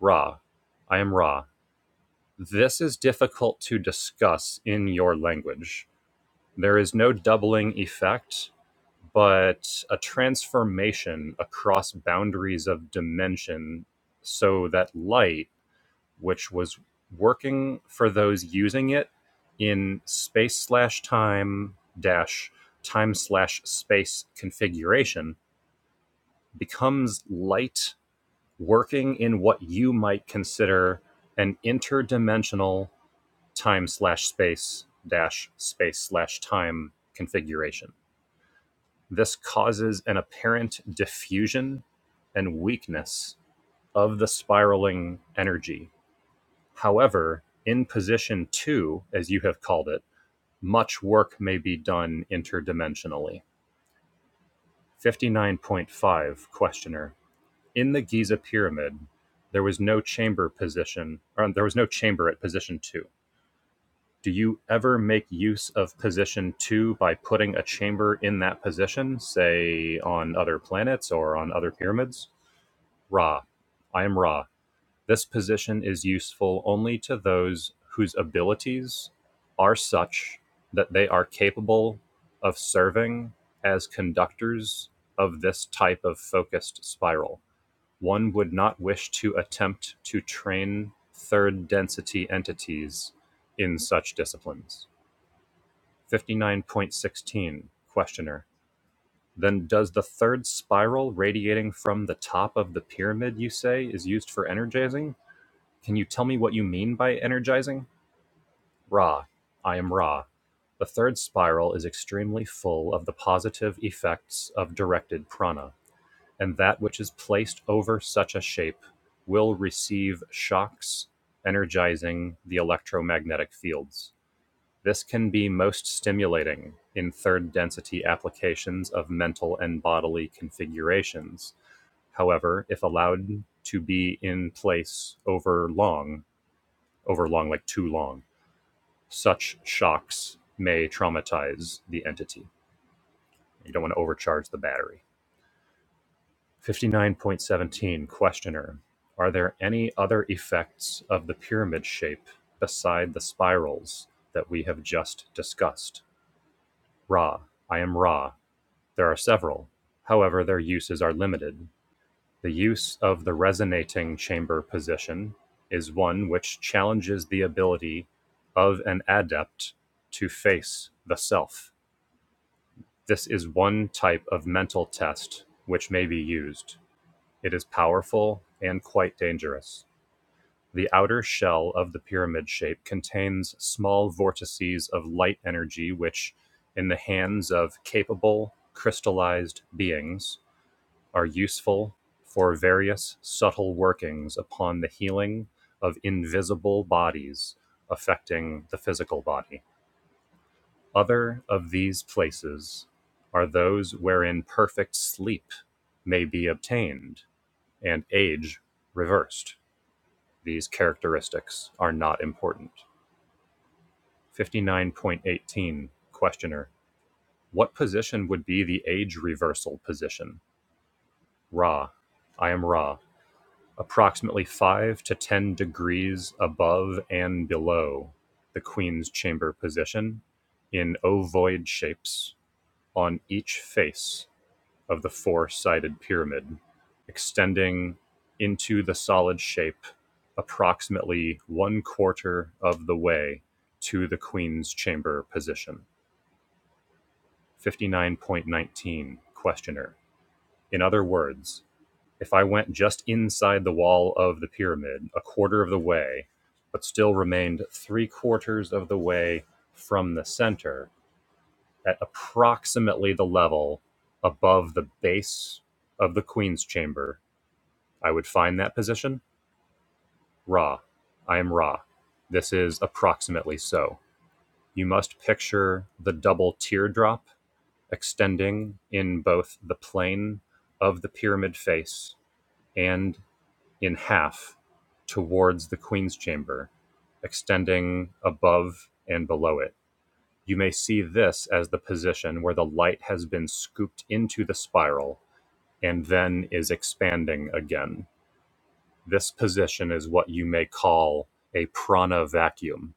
Ra. I am Ra. This is difficult to discuss in your language. There is no doubling effect, but a transformation across boundaries of dimension so that light which was working for those using it in space slash time dash time slash space configuration becomes light working in what you might consider an interdimensional time slash space dash space slash time configuration. This causes an apparent diffusion and weakness of the spiraling energy However, in position two, as you have called it, much work may be done interdimensionally. 59.5 Questioner. In the Giza pyramid, there was no chamber position, or there was no chamber at position two. Do you ever make use of position two by putting a chamber in that position, say on other planets or on other pyramids? Ra. I am Ra. This position is useful only to those whose abilities are such that they are capable of serving as conductors of this type of focused spiral. One would not wish to attempt to train third density entities in such disciplines. 59.16 Questioner. Then does the third spiral radiating from the top of the pyramid, you say, is used for energizing? Can you tell me what you mean by energizing? Ra. I am Ra. The third spiral is extremely full of the positive effects of directed prana, and that which is placed over such a shape will receive shocks energizing the electromagnetic fields. This can be most stimulating in third density applications of mental and bodily configurations. However, if allowed to be in place over long, over long, like too long. Such shocks may traumatize the entity. You don't want to overcharge the battery. 59.17 Questioner Are there any other effects of the pyramid shape beside the spirals that we have just discussed? Ra. I am Ra. There are several. However, their uses are limited. The use of the resonating chamber position is one which challenges the ability of an adept to face the self. This is one type of mental test which may be used. It is powerful and quite dangerous. The outer shell of the pyramid shape contains small vortices of light energy, which, in the hands of capable, crystallized beings, are useful for various subtle workings upon the healing of invisible bodies affecting the physical body. Other of these places are those wherein perfect sleep may be obtained and age reversed. These characteristics are not important. 59.18 Questioner What position would be the age reversal position? Ra. I am Ra. Approximately five to ten degrees above and below the queen's chamber position, in ovoid shapes on each face of the four sided pyramid, extending into the solid shape approximately one quarter of the way to the queen's chamber position. 59.19 Questioner. In other words, if I went just inside the wall of the pyramid, a quarter of the way, but still remained three quarters of the way from the center at approximately the level above the base of the queen's chamber, I would find that position Ra. I am Ra. This is approximately so. You must picture the double teardrop extending in both the plane of the pyramid face and in half towards the Queen's Chamber, extending above and below it. You may see this as the position where the light has been scooped into the spiral and then is expanding again. This position is what you may call a prana vacuum.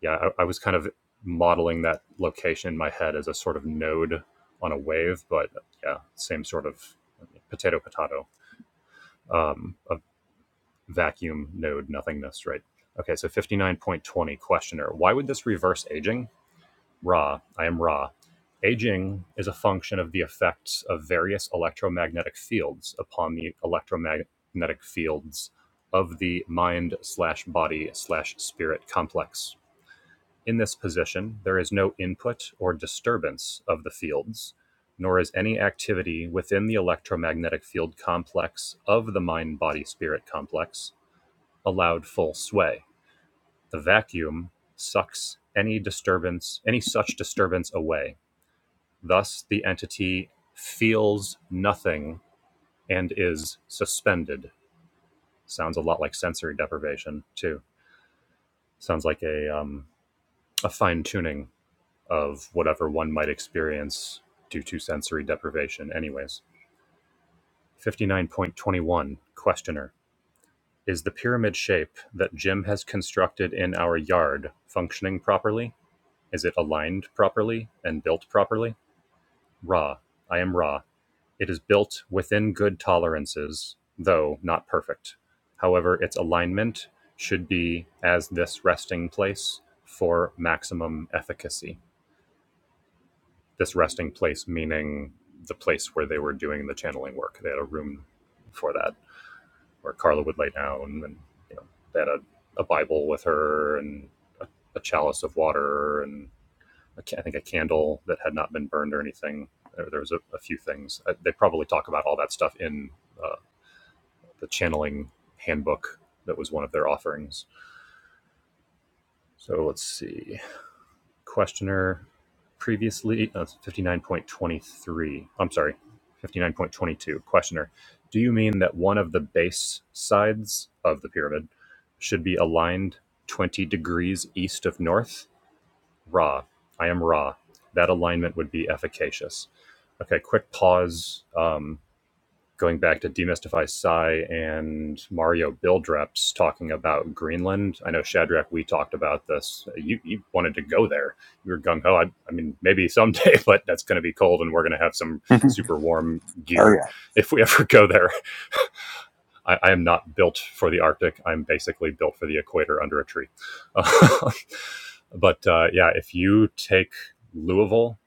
Yeah, I, I was kind of modeling that location in my head as a sort of node on a wave, but yeah, same sort of potato potato um, a vacuum node nothingness, right? Okay, so 59.20 questioner. Why would this reverse aging? Ra, I am Ra. Aging is a function of the effects of various electromagnetic fields upon the electromagnetic fields of the mind slash body slash spirit complex. In this position, there is no input or disturbance of the fields, nor is any activity within the electromagnetic field complex of the mind body spirit complex allowed full sway. The vacuum sucks any disturbance, any such disturbance away. Thus, the entity feels nothing and is suspended. Sounds a lot like sensory deprivation too. Sounds like a um, a fine tuning of whatever one might experience due to sensory deprivation. Anyways, fifty nine point twenty one questioner. Is the pyramid shape that Jim has constructed in our yard functioning properly? Is it aligned properly and built properly? Raw. I am raw. It is built within good tolerances, though not perfect. However, its alignment should be as this resting place for maximum efficacy. This resting place meaning the place where they were doing the channeling work. They had a room for that where Carla would lay down and you know, they had a, a Bible with her and a, a chalice of water and I think a candle that had not been burned or anything. There, was a, a few things. Uh, They probably talk about all that stuff in uh, the channeling handbook that was one of their offerings. So let's see. Questioner previously, uh, 59.23. I'm sorry, 59.22. Questioner, do you mean that one of the base sides of the pyramid should be aligned 20 degrees east of north? raw. I am raw. That alignment would be efficacious. Okay, quick pause. Um, going back to Demystify Psy and Mario build reps talking about Greenland. I know Shadrach, we talked about this. You, you wanted to go there. You were gung ho. I, I mean, maybe someday, but that's going to be cold, and we're going to have some oh super warm gear yeah. if we ever go there. I, I am not built for the Arctic. I'm basically built for the equator under a tree. but uh, yeah, if you take Louisville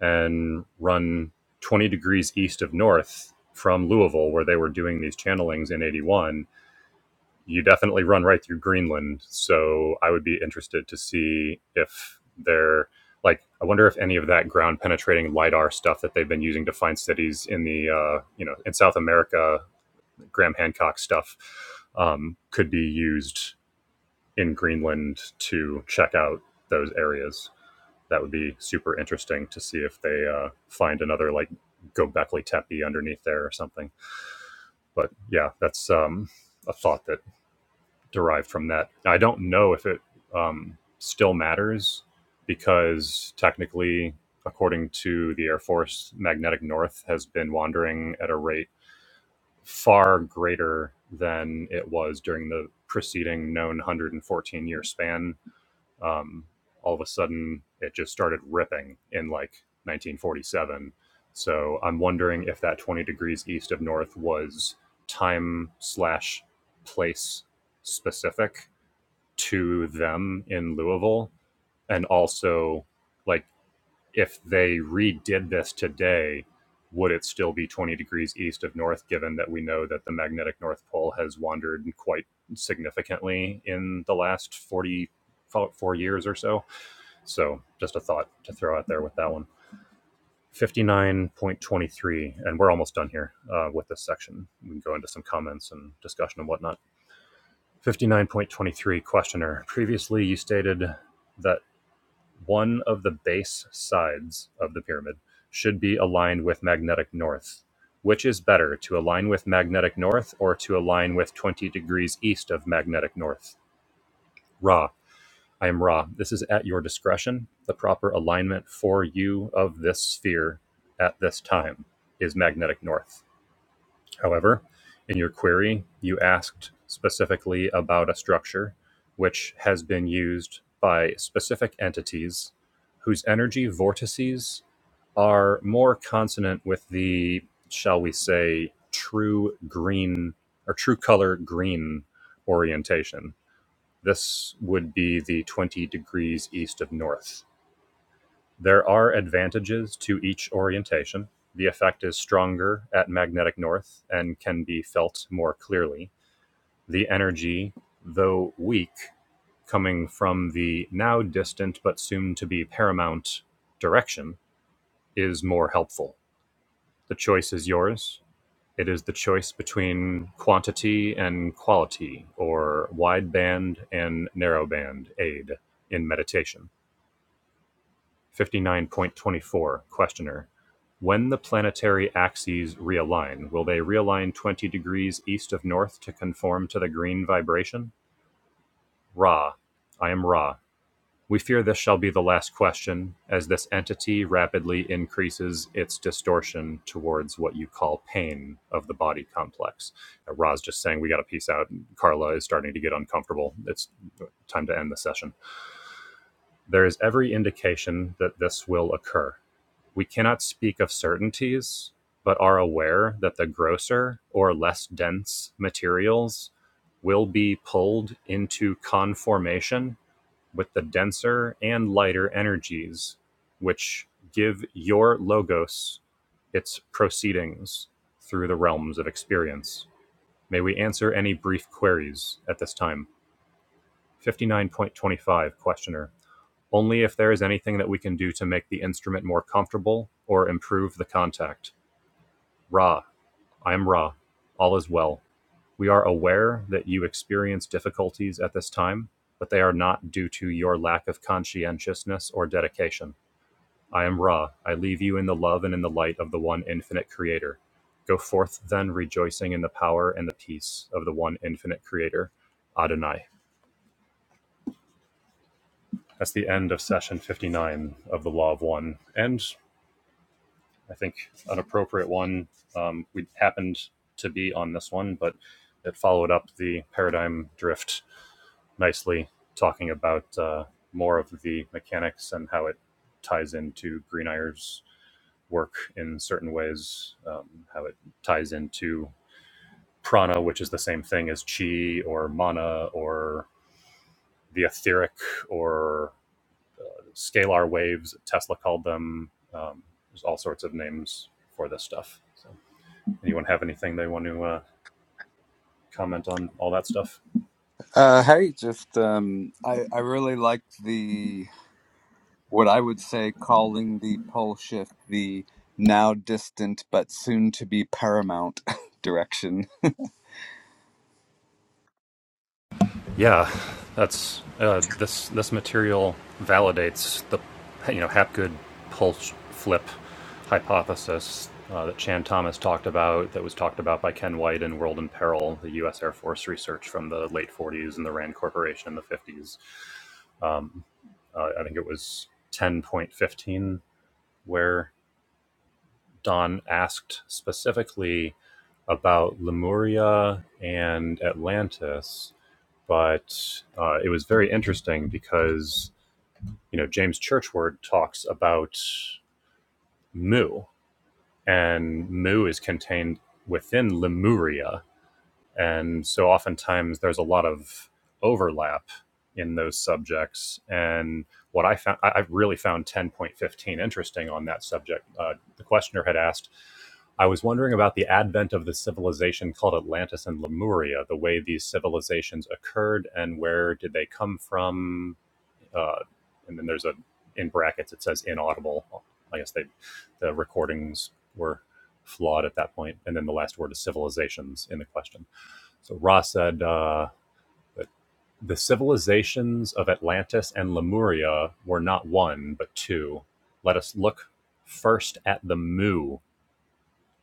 and run 20 degrees east of north from Louisville, where they were doing these channelings in 81, you definitely run right through Greenland. So I would be interested to see if they're like, I wonder if any of that ground penetrating LIDAR stuff that they've been using to find cities in the, uh, you know, in South America Graham Hancock stuff um, could be used in Greenland to check out those areas. That would be super interesting to see if they uh, find another like Gobekli Tepe underneath there or something. But yeah, that's um, a thought that derived from that. I don't know if it um, still matters because technically, according to the Air Force, magnetic north has been wandering at a rate far greater than it was during the preceding known 114 year span. Um, all of a sudden, it just started ripping in like 1947. So I'm wondering if that 20 degrees east of north was time slash place specific to them in Louisville, and also like if they redid this today, would it still be 20 degrees east of north, given that we know that the magnetic North Pole has wandered quite significantly in the last 44 years or so? So, just a thought to throw out there with that one. 59.23, and we're almost done here uh, with this section. We can go into some comments and discussion and whatnot. 59.23 Questioner. Previously, you stated that one of the base sides of the pyramid should be aligned with magnetic north. Which is better, to align with magnetic north or to align with 20 degrees east of magnetic north? Ra, I am Ra. This is at your discretion. The proper alignment for you of this sphere at this time is magnetic north. However, in your query, you asked specifically about a structure which has been used by specific entities whose energy vortices are more consonant with the, shall we say, true green or true color green orientation. This would be the 20 degrees east of north. There are advantages to each orientation; the effect is stronger at magnetic north and can be felt more clearly, the energy, though weak, coming from the now distant but soon to be paramount direction is more helpful. The choice is yours. It is the choice between quantity and quality, or wideband and narrowband aid in meditation. 59.24 Questioner. When the planetary axes realign, will they realign 20 degrees east of north to conform to the green vibration? Ra. I am Ra. We fear this shall be the last question, as this entity rapidly increases its distortion towards what you call pain of the body complex. Uh, Ra's just saying, We got to peace out. Carla is starting to get uncomfortable. It's time to end the session. There is every indication that this will occur we cannot speak of certainties, but are aware that the grosser or less dense materials will be pulled into conformation with the denser and lighter energies, which give your logos its proceedings through the realms of experience. May we answer any brief queries at this time? 59.25, questioner. Only if there is anything that we can do to make the instrument more comfortable or improve the contact. Ra, I am Ra. All is well. We are aware that you experience difficulties at this time, but they are not due to your lack of conscientiousness or dedication. I am Ra. I leave you in the love and in the light of the one infinite creator. Go forth then, rejoicing in the power and the peace of the one infinite creator, Adonai. That's the end of session 59 of the Law of One. And I think, an appropriate one. Um, we happened to be on this one, but it followed up the paradigm drift nicely, talking about uh, more of the mechanics and how it ties into Greeneyer's work in certain ways, um, how it ties into prana, which is the same thing as chi or mana or the etheric or scalar waves, Tesla called them. Um, there's all sorts of names for this stuff. So. anyone have anything they want to uh, comment on all that stuff? Uh, hey, just um, I I really like the what I would say calling the pole shift the now distant but soon to be paramount direction. Yeah, that's uh, this this material validates the you know Hapgood pulse flip hypothesis uh, that Chan Thomas talked about, that was talked about by Ken White in World in Peril, the U.S. Air Force research from the late 40s and the Rand Corporation in the 50s. Um, uh, I think it was 10.15 where Don asked specifically about Lemuria and Atlantis, but uh, it was very interesting because you know James Churchward talks about Mu, and Mu is contained within Lemuria, and so oftentimes there's a lot of overlap in those subjects. And what I found, I I really found 10.15 interesting on that subject. Uh, the questioner had asked, I was wondering about the advent of the civilization called Atlantis and Lemuria, the way these civilizations occurred and where did they come from. Uh, and then there's a, in brackets, it says inaudible. I guess they, the recordings were flawed at that point. And then the last word is civilizations in the question. So Ra said uh, that the civilizations of Atlantis and Lemuria were not one, but two. Let us look first at the Mu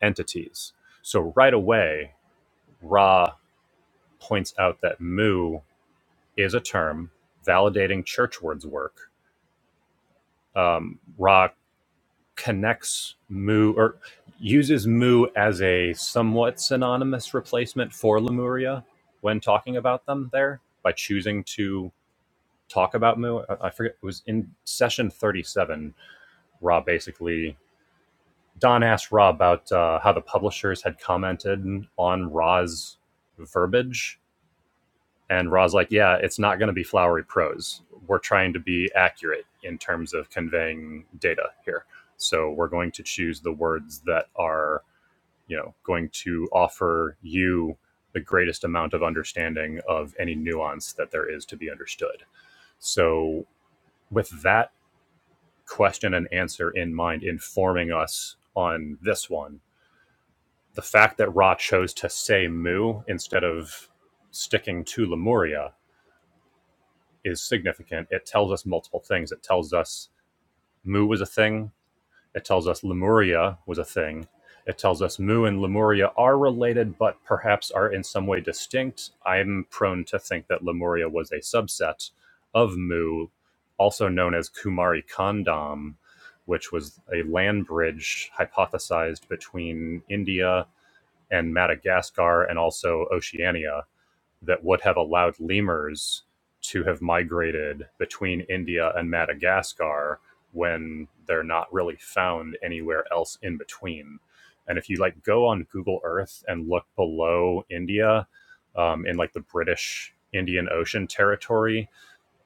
entities. So right away, Ra points out that Mu is a term validating Churchward's work. Um, Ra connects Mu or uses Mu as a somewhat synonymous replacement for Lemuria when talking about them there by choosing to talk about Moo. I forget it was in session 37. Rob basically Don asked Rob about uh, how the publishers had commented on Ra's verbiage, and Ra's like, "Yeah, it's not going to be flowery prose. We're trying to be accurate in terms of conveying data here, so we're going to choose the words that are." You know, going to offer you the greatest amount of understanding of any nuance that there is to be understood. So, with that question and answer in mind informing us on this one. The fact that Ra chose to say Mu instead of sticking to Lemuria is significant. It tells us multiple things. It tells us Mu was a thing It tells us Lemuria was a thing. It tells us Mu and Lemuria are related, but perhaps are in some way distinct. I'm prone to think that Lemuria was a subset of Mu, also known as Kumari Kandam, which was a land bridge hypothesized between India and Madagascar and also Oceania that would have allowed lemurs to have migrated between India and Madagascar when they're not really found anywhere else in between. And if you like go on Google Earth and look below India um, in like the British Indian Ocean territory,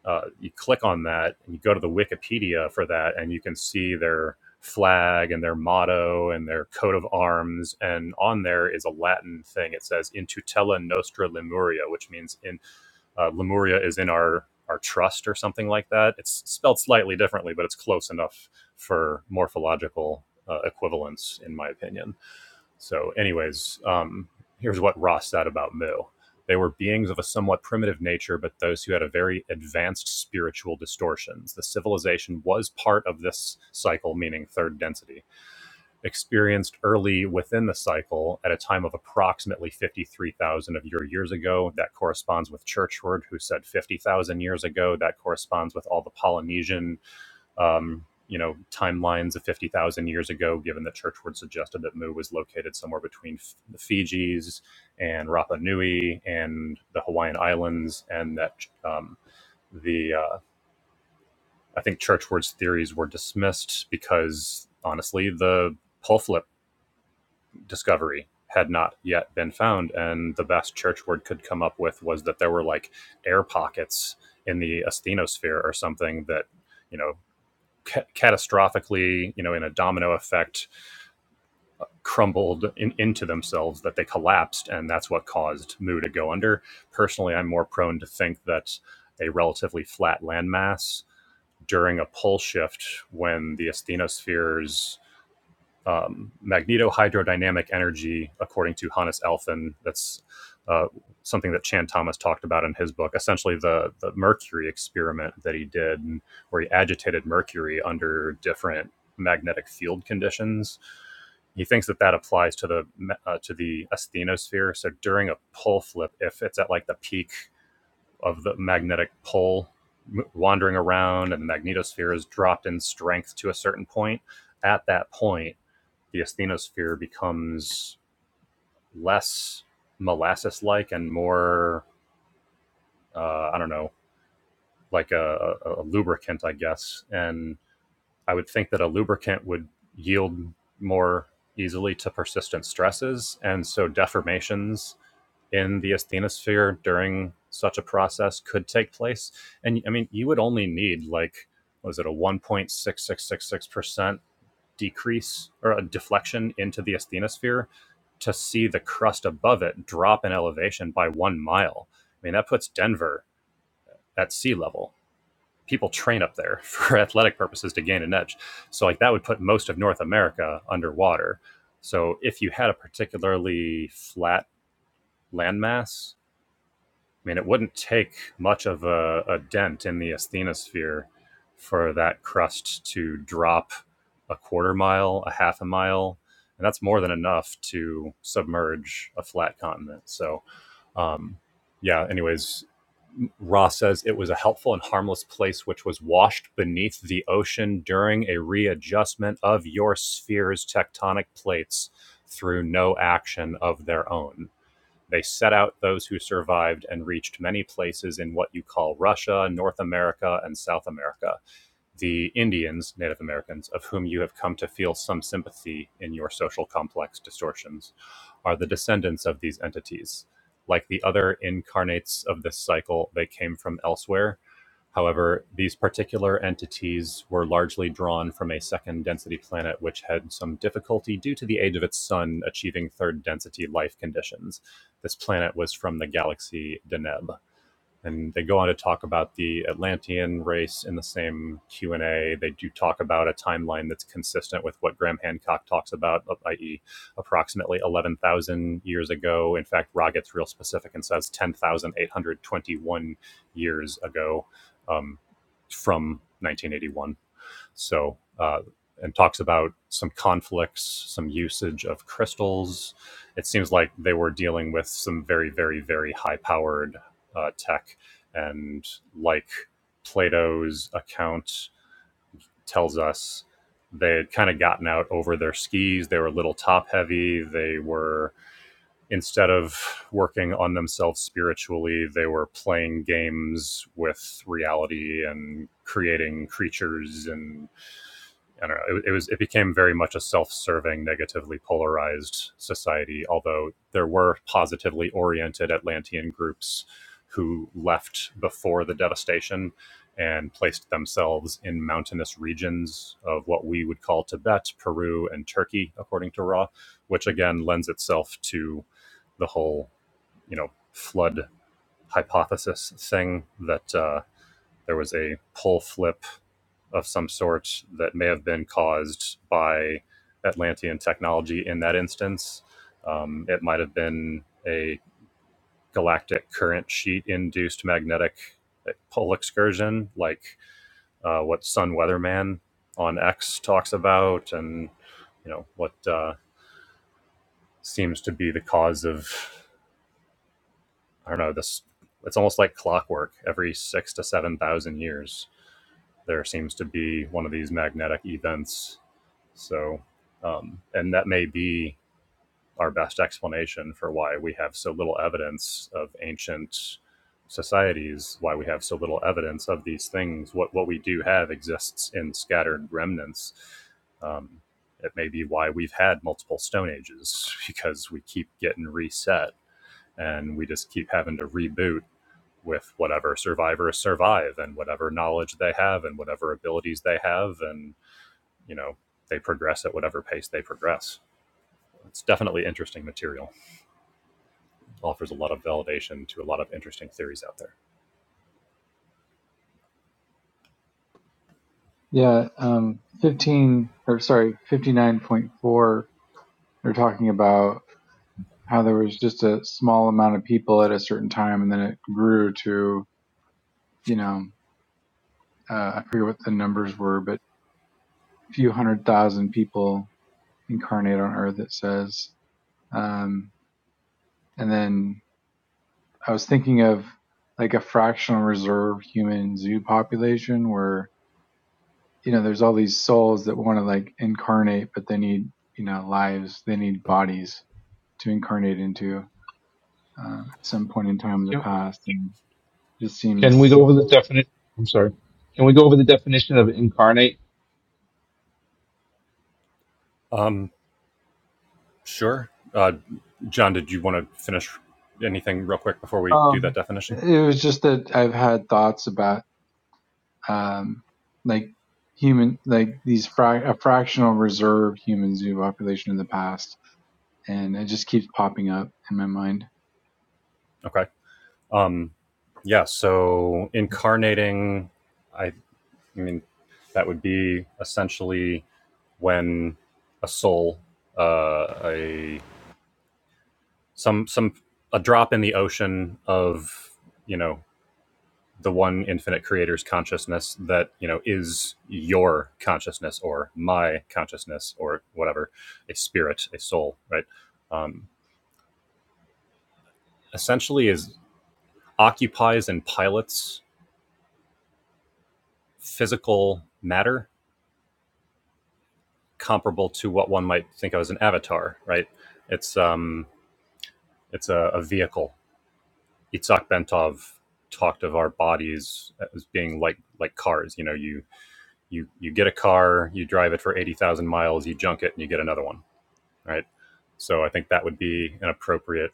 uh, you click on that and you go to the Wikipedia for that, and you can see their flag and their motto and their coat of arms. And on there is a Latin thing. It says "In tutela nostra Lemuria," which means in uh, Lemuria is in our our trust or something like that. It's spelled slightly differently, but it's close enough for morphological uh, equivalence, in my opinion. So, anyways, um, here's what Ross said about Mu. They were beings of a somewhat primitive nature, but those who had a very advanced spiritual distortions. The civilization was part of this cycle, meaning third density, experienced early within the cycle at a time of approximately 53,000 of your years ago. That corresponds with Churchward, who said 50,000 years ago. That corresponds with all the Polynesian um, you know, timelines of 50,000 years ago, given that Churchward suggested that Mu was located somewhere between F- the Fijis and Rapa Nui and the Hawaiian Islands, and that um, the uh, I think Churchward's theories were dismissed because honestly, the pole flip discovery had not yet been found, and the best Churchward could come up with was that there were like air pockets in the asthenosphere or something that you know ca- catastrophically, you know, in a domino effect, crumbled in, into themselves that they collapsed, and that's what caused Mu to go under. Personally, I'm more prone to think that a relatively flat landmass during a pole shift when the asthenospheres um, magnetohydrodynamic energy, according to Hannes Elfin. That's uh, something that Chan Thomas talked about in his book. Essentially, the the mercury experiment that he did, where he agitated mercury under different magnetic field conditions. He thinks that that applies to the uh, to the asthenosphere. So during a pole flip, if it's at like the peak of the magnetic pole, wandering around and the magnetosphere is dropped in strength to a certain point at that point the asthenosphere becomes less molasses like and more uh, i don't know like a, a, a lubricant i guess and i would think that a lubricant would yield more easily to persistent stresses and so deformations in the asthenosphere during such a process could take place and i mean you would only need like what was it a 1.6666% decrease or a deflection into the asthenosphere to see the crust above it drop in elevation by one mile. I mean, that puts Denver at sea level. People train up there for athletic purposes to gain an edge. So, like, that would put most of North America underwater. So, if you had a particularly flat landmass, I mean, it wouldn't take much of a, a dent in the asthenosphere for that crust to drop a quarter mile, a half a mile, and that's more than enough to submerge a flat continent. So, um, yeah, anyways, Ross says it was a helpful and harmless place which was washed beneath the ocean during a readjustment of your sphere's tectonic plates through no action of their own they set out those who survived and reached many places in what you call Russia, North America, and South America the Indians, Native Americans, of whom you have come to feel some sympathy in your social complex distortions, are the descendants of these entities. Like the other incarnates of this cycle, they came from elsewhere. However, these particular entities were largely drawn from a second density planet which had some difficulty due to the age of its sun achieving third density life conditions. This planet was from the galaxy Deneb and they go on to talk about the Atlantean race in the same Q and A. They do talk about a timeline that's consistent with what Graham Hancock talks about, uh, i.e., approximately eleven thousand years ago. In fact, Ra gets real specific and says ten thousand eight hundred twenty-one years ago um, from 1981. So, uh, and talks about some conflicts, some usage of crystals. It seems like they were dealing with some very, very, very high powered uh, tech. And like Plato's account tells us, they had kind of gotten out over their skis. They were a little top heavy. They were, instead of working on themselves spiritually, they were playing games with reality and creating creatures and I don't know. It, it was it became very much a self-serving, negatively polarized society. Although there were positively oriented Atlantean groups who left before the devastation and placed themselves in mountainous regions of what we would call Tibet, Peru, and Turkey, according to Raw, which again lends itself to the whole you know flood hypothesis thing that uh, there was a pull flip of some sort that may have been caused by Atlantean technology in that instance. Um, it might have been a galactic current sheet induced magnetic pole excursion, like uh, what Sun Weatherman on X talks about, and you know what uh, seems to be the cause of I don't know this. It's almost like clockwork. Every six to seven thousand years, there seems to be one of these magnetic events So, um, and that may be our best explanation for why we have so little evidence of ancient societies, why we have so little evidence of these things. What what we do have exists in scattered remnants. Um, it may be why we've had multiple stone ages because we keep getting reset and we just keep having to reboot with whatever survivors survive and whatever knowledge they have and whatever abilities they have and you know they progress at whatever pace they progress. It's definitely interesting material. Offers a lot of validation to a lot of interesting theories out there. Yeah. Um. Fifteen or sorry, fifty nine point four. They're talking about how there was just a small amount of people at a certain time, and then it grew to you know uh, I forget what the numbers were, but a few hundred thousand people incarnate on Earth, it says. Um, and then I was thinking of like a fractional reserve human zoo population where, you know, there's all these souls that want to like incarnate, but they need, you know, lives, they need bodies to incarnate into uh, at some point in time in the Yep. past. And it just Can we go seems, over the definition? I'm sorry. Can we go over the definition of incarnate? Um, sure, uh, John. Did you want to finish anything real quick before we do that um, definition? it was just that I've had thoughts about um, like human like these fra- a fractional reserve human zoo population in the past and it just keeps popping up in my mind Okay. Um, yeah. So incarnating, I, I mean, that would be essentially when a soul, uh, a some some a drop in the ocean of you know the one infinite creator's consciousness that you know is your consciousness or my consciousness or whatever a spirit a soul right um, essentially is occupies and pilots physical matter comparable to what one might think of as an avatar right it's um it's a, a vehicle itzhak bentov talked of our bodies as being like like cars you know you you you get a car you drive it for 80000 miles you junk it and you get another one right? So I think that would be an appropriate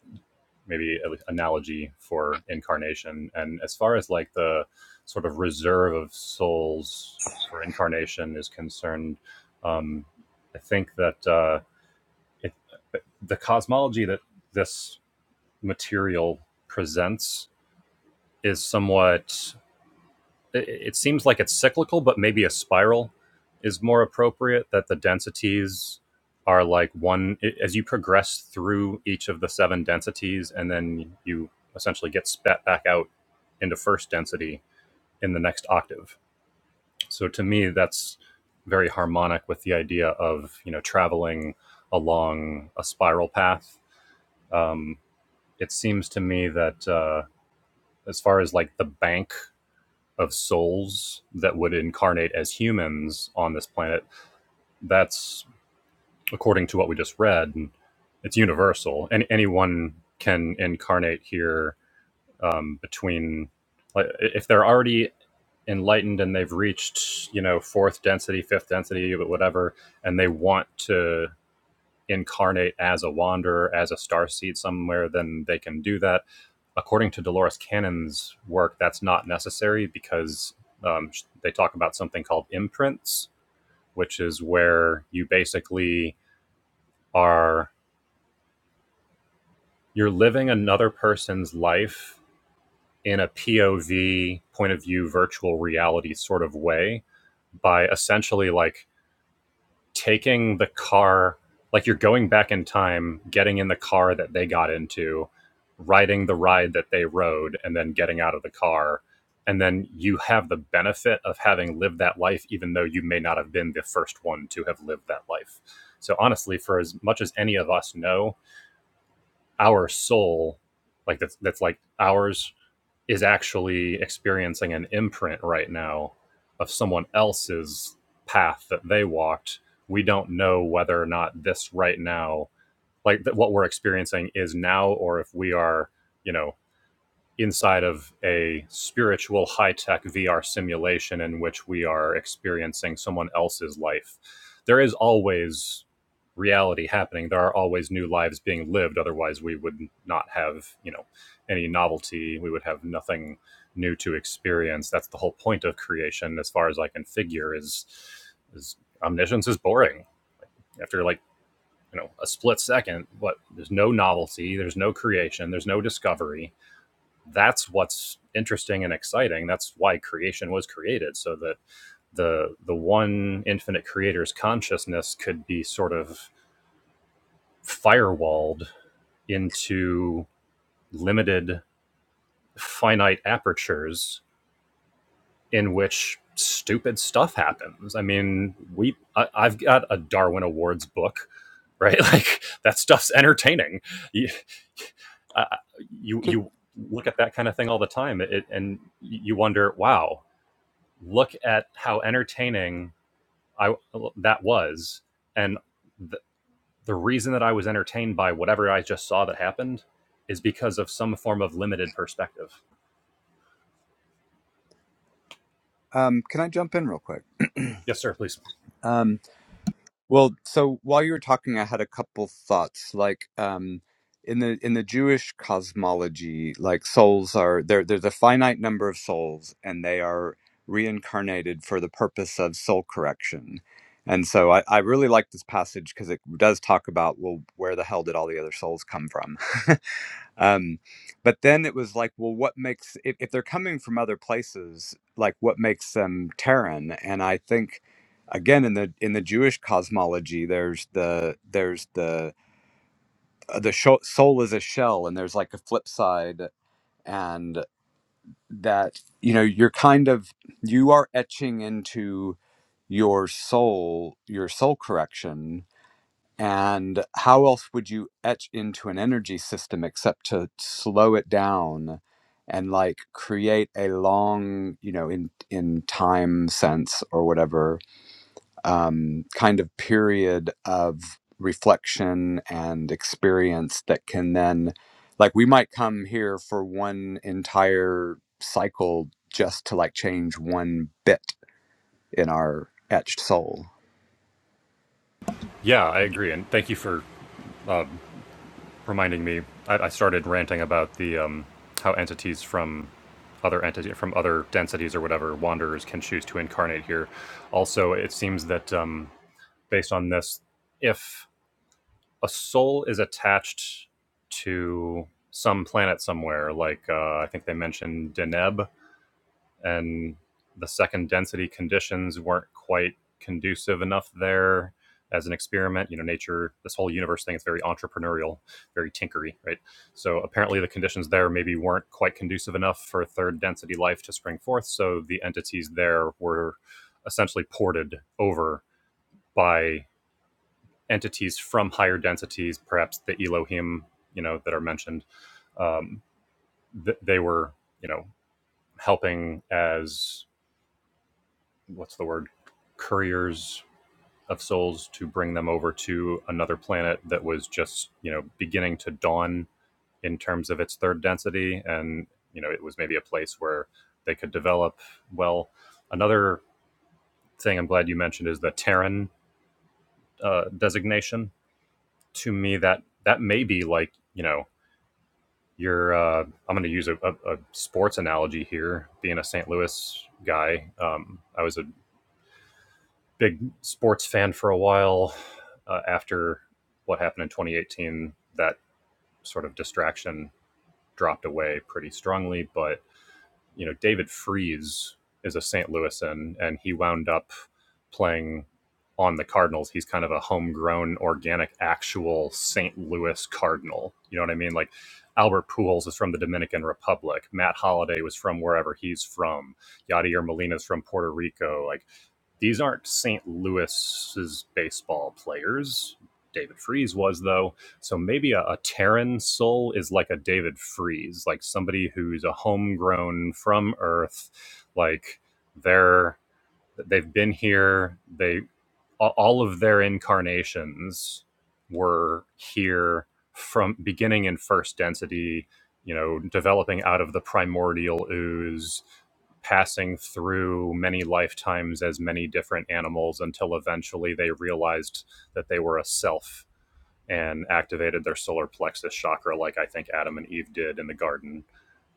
maybe analogy for incarnation. And as far as like the sort of reserve of souls for incarnation is concerned, um, I think that uh, it, the cosmology that this material presents is somewhat it, seems like it's cyclical, but maybe a spiral is more appropriate. That the densities are like one as you progress through each of the seven densities, and then you essentially get spat back out into first density in the next octave. So to me, that's very harmonic with the idea of you know traveling along a spiral path. Um, it seems to me that uh, as far as like the bank of souls that would incarnate as humans on this planet, that's according to what we just read, it's universal, and anyone can incarnate here um, between like if they're already enlightened and they've reached you know fourth density, fifth density, but whatever, and they want to incarnate as a wanderer, as a star seed somewhere, then they can do that. According to Dolores Cannon's work, that's not necessary because um, they talk about something called imprints, which is where you basically are you're living another person's life in a POV point of view virtual reality sort of way by essentially like taking the car like you're going back in time getting in the car that they got into riding the ride that they rode and then getting out of the car and then you have the benefit of having lived that life even though you may not have been the first one to have lived that life so honestly for as much as any of us know our soul like that's that's like ours is actually experiencing an imprint right now of someone else's path that they walked. We don't know whether or not this right now, like th- what we're experiencing, is now, or if we are, you know, inside of a spiritual high tech VR simulation in which we are experiencing someone else's life. There is always reality happening. There are always new lives being lived. Otherwise, we would not have, you know, any novelty. We would have nothing new to experience. That's the whole point of creation, as far as I can figure, is is omniscience is boring. After like, you know, a split second, what there's no novelty, there's no creation, there's no discovery that's what's interesting and exciting that's why creation was created so that the the one infinite creator's consciousness could be sort of firewalled into limited finite apertures in which stupid stuff happens i mean we I, i've got a darwin awards book right like that stuff's entertaining you, uh, you Can, you look at that kind of thing all the time it, and you wonder wow look at how entertaining I that was, and the, the reason that I was entertained by whatever I just saw that happened is because of some form of limited perspective. um, can I jump in real quick? Yes, sir. Please. Um. Well, so while you were talking, I had a couple thoughts. Like, um, in the in the Jewish cosmology, like souls are there. There's a finite number of souls, and they are reincarnated for the purpose of soul correction. And so, I, I really like this passage because it does talk about well, where the hell did all the other souls come from? um, but then it was like well what makes if, if they're coming from other places like what makes them terran and i think again in the in the jewish cosmology there's the there's the uh, the sho- soul is a shell and there's like a flip side and that you know you're kind of you are etching into your soul your soul correction and how else would you etch into an energy system except to slow it down and like create a long, you know, in in time sense or whatever um, kind of period of reflection and experience that can then, like, we might come here for one entire cycle just to like change one bit in our etched soul. Yeah, I agree, and thank you for um, reminding me. I, I started ranting about the um, how entities from other entity from other densities or whatever wanderers can choose to incarnate here. Also, it seems that um, based on this, if a soul is attached to some planet somewhere. Like uh, I think they mentioned Deneb, and the second density conditions weren't quite conducive enough there as an experiment. You know, nature, this whole universe thing is very entrepreneurial, very tinkery, right? So apparently the conditions there maybe weren't quite conducive enough for third density life to spring forth. So the entities there were essentially ported over by entities from higher densities, perhaps the Elohim, you know, that are mentioned. Um, th- they were, you know, helping as what's the word, couriers of souls to bring them over to another planet that was just, you know, beginning to dawn in terms of its third density, and you know, it was maybe a place where they could develop well. Another thing I'm glad you mentioned is the Terran uh, designation. To me, that that may be like you know you're uh, i'm going to use a, a, a sports analogy here being a st louis guy um, i was a big sports fan for a while uh, after what happened in 2018 that sort of distraction dropped away pretty strongly but you know, David Freeze is a St. Louisan, and he wound up playing on the Cardinals. He's kind of a homegrown, organic, actual St. Louis Cardinal. You know what I mean? Like Albert Pujols is from the Dominican Republic. Matt Holliday was from wherever he's from. Yadier Molina is from Puerto Rico. Like these aren't St. Louis's baseball players. David Freeze was though, so maybe a, a Terran soul is like a David Freeze, like somebody who's a homegrown from Earth, like they're they've been here. They all of their incarnations were here from beginning in first density, you know, developing out of the primordial ooze, passing through many lifetimes as many different animals until eventually they realized that they were a self and activated their solar plexus chakra, like I think Adam and Eve did in the garden.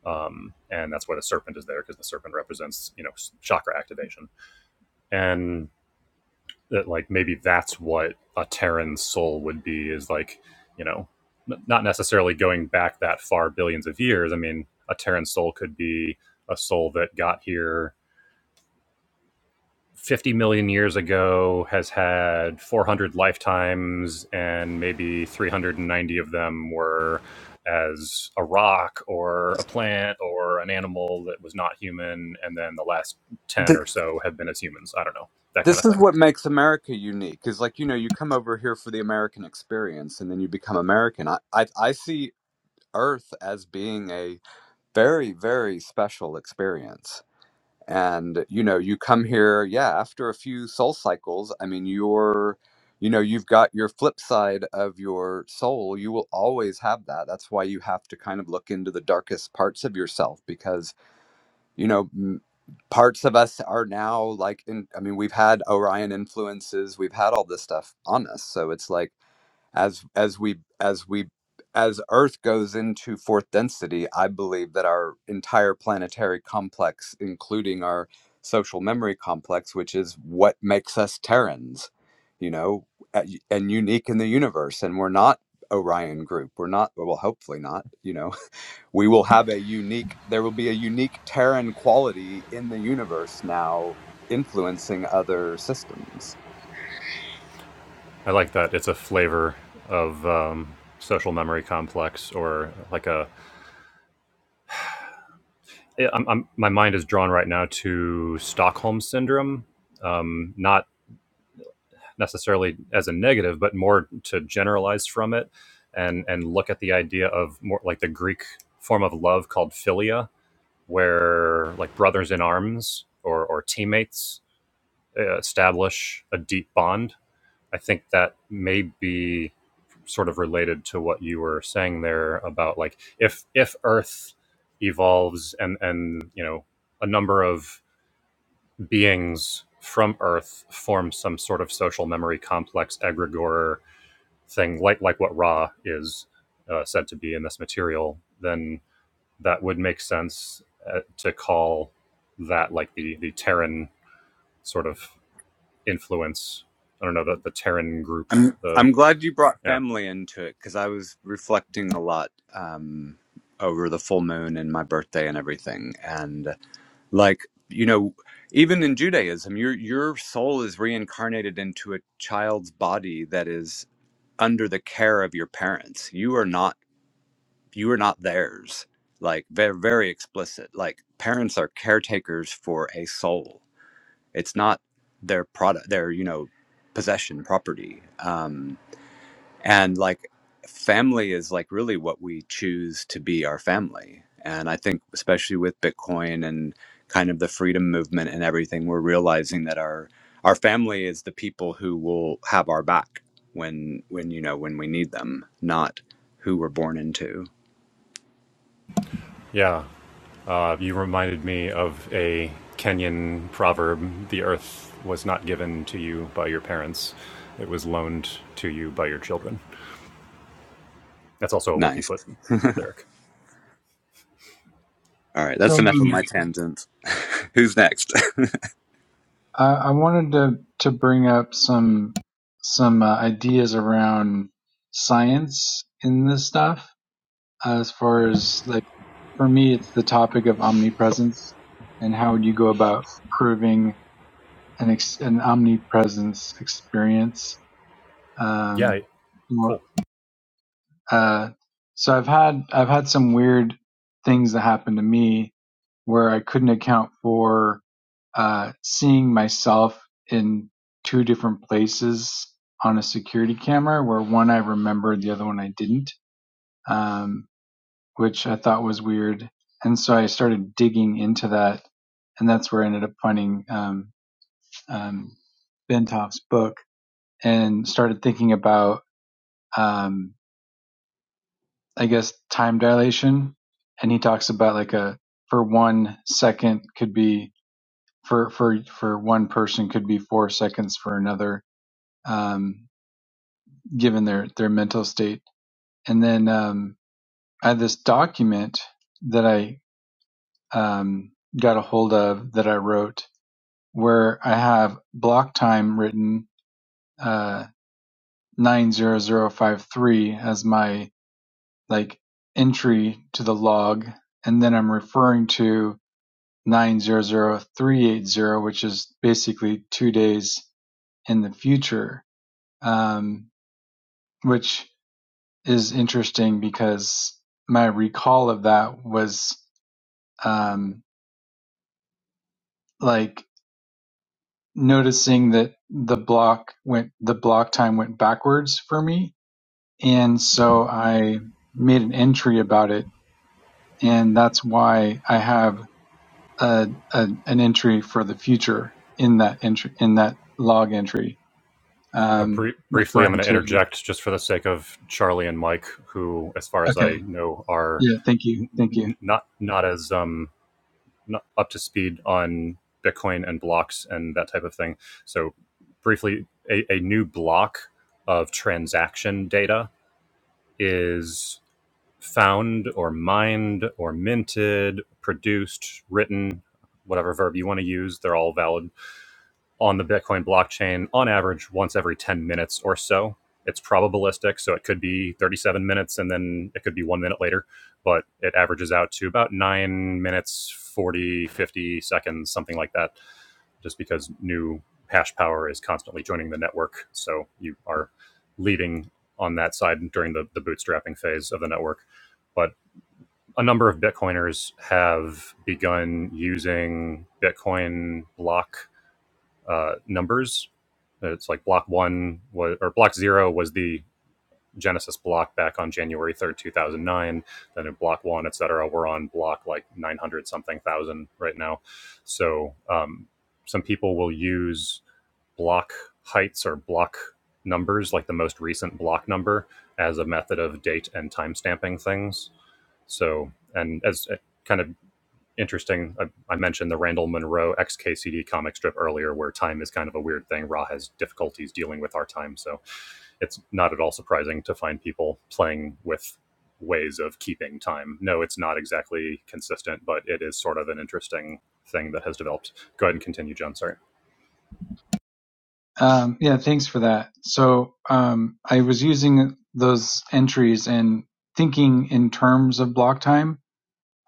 Um, and that's why the serpent is there because the serpent represents, you know, chakra activation. And that like maybe that's what a Terran soul would be is like, you know, not necessarily going back that far billions of years. I mean, a Terran soul could be a soul that got here 50 million years ago, has had 400 lifetimes, and maybe 390 of them were as a rock or a plant or an animal that was not human. And then the last 10 The or so have been as humans. I don't know, that kind this of is thing. what makes America unique is like, you know, you come over here for the American experience and then you become American. I, I, I see Earth as being a very, very special experience. And, you know, you come here, yeah, after a few soul cycles, I mean, you're, you know, you've got your flip side of your soul. You will always have that. That's why you have to kind of look into the darkest parts of yourself because, you know, parts of us are now like in i mean we've had orion influences we've had all this stuff on us so it's like as as we as we as earth goes into fourth density i believe that our entire planetary complex including our social memory complex which is what makes us terrans you know a- and unique in the universe and we're not orion group we're not well hopefully not you know we will have a unique there will be a unique terran quality in the universe now influencing other systems I like that. It's a flavor of um, social memory complex, or like a. am I'm, my mind is drawn right now to Stockholm syndrome, um, not necessarily as a negative, but more to generalize from it, and and look at the idea of more like the Greek form of love called philia, where like brothers in arms or or teammates uh, establish a deep bond I think that may be sort of related to what you were saying there about like if if Earth evolves and and you know a number of beings from Earth form some sort of social memory complex egregore thing like like what Ra is uh, said to be in this material, then that would make sense uh, to call that like the the Terran sort of influence. I don't know the the Terran group. i'm The i'm glad you brought yeah family into it because i was reflecting a lot um over the full moon and my birthday and everything and like you know even in judaism your your soul is reincarnated into a child's body that is under the care of your parents you are not you are not theirs like very very explicit like parents are caretakers for a soul it's not their product their you know possession property um and like family is like really what we choose to be our family and i think especially with bitcoin and kind of the freedom movement and everything we're realizing that our our family is the people who will have our back when when you know when we need them not who we're born into Yeah. Uh, you reminded me of a Kenyan proverb the earth was not given to you by your parents, it was loaned to you by your children. That's also a Wookiee Nice. foot lyric. All right, so that's enough of my tangent. Who's next? i, I wanted to to bring up some some uh, ideas around science in this stuff as far as like for me, it's the topic of omnipresence and how you go about proving an, ex- an omnipresence experience. Yeah, Um, cool. uh, so I've had I've had some weird things that happened to me where I couldn't account for uh, seeing myself in two different places on a security camera, where one I remembered, the other one I didn't. Um, which I thought was weird. And so I started digging into that, and that's where I ended up finding um, um, Bentoff's book and started thinking about, um, I guess, time dilation. And he talks about like a for one second could be for for for one person could be four seconds for another, um, given their their mental state. And then um, I had this document that I um, got a hold of that I wrote where I have block time written uh, 90053 as my like entry to the log, and then I'm referring to 900380, which is basically two days in the future, um, which is interesting because my recall of that was um, like noticing that the block went the block time went backwards for me And so I made an entry about it. And that's why I have a, a, an entry for the future in that entry, in that log entry, Uh, um, brie- briefly, I'm referring going to to, interject just for the sake of Charlie and Mike, who, as far as okay. I know, are Yeah. Thank you. Thank you. n- not not as um, n- up to speed on Bitcoin and blocks and that type of thing. So, briefly, a, a new block of transaction data is found or mined or minted, produced, written, whatever verb you want to use. They're all valid on the Bitcoin blockchain on average once every 10 minutes or so. It's probabilistic, so it could be 37 minutes and then it could be one minute later, but it averages out to about nine minutes, 40 50 seconds, something like that, just because new hash power is constantly joining the network. So you are leading on that side during the, the bootstrapping phase of the network. But a number of Bitcoiners have begun using Bitcoin block uh, numbers. It's like block one was, or block zero was the Genesis block back on January 3rd, 2009. Then in block one, et cetera, we're on block like 900 something thousand right now. So um, some people will use block heights or block numbers, like the most recent block number, as a method of date and time stamping things. So, and as kind of interesting. I, I mentioned the Randall Munroe XKCD comic strip earlier, where time is kind of a weird thing. Ra has difficulties dealing with our time, so it's not at all surprising to find people playing with ways of keeping time. No, it's not exactly consistent, but it is sort of an interesting thing that has developed. Go ahead and continue, John. Sorry. Um, yeah. Thanks for that. So, um, I was using those entries and thinking in terms of block time.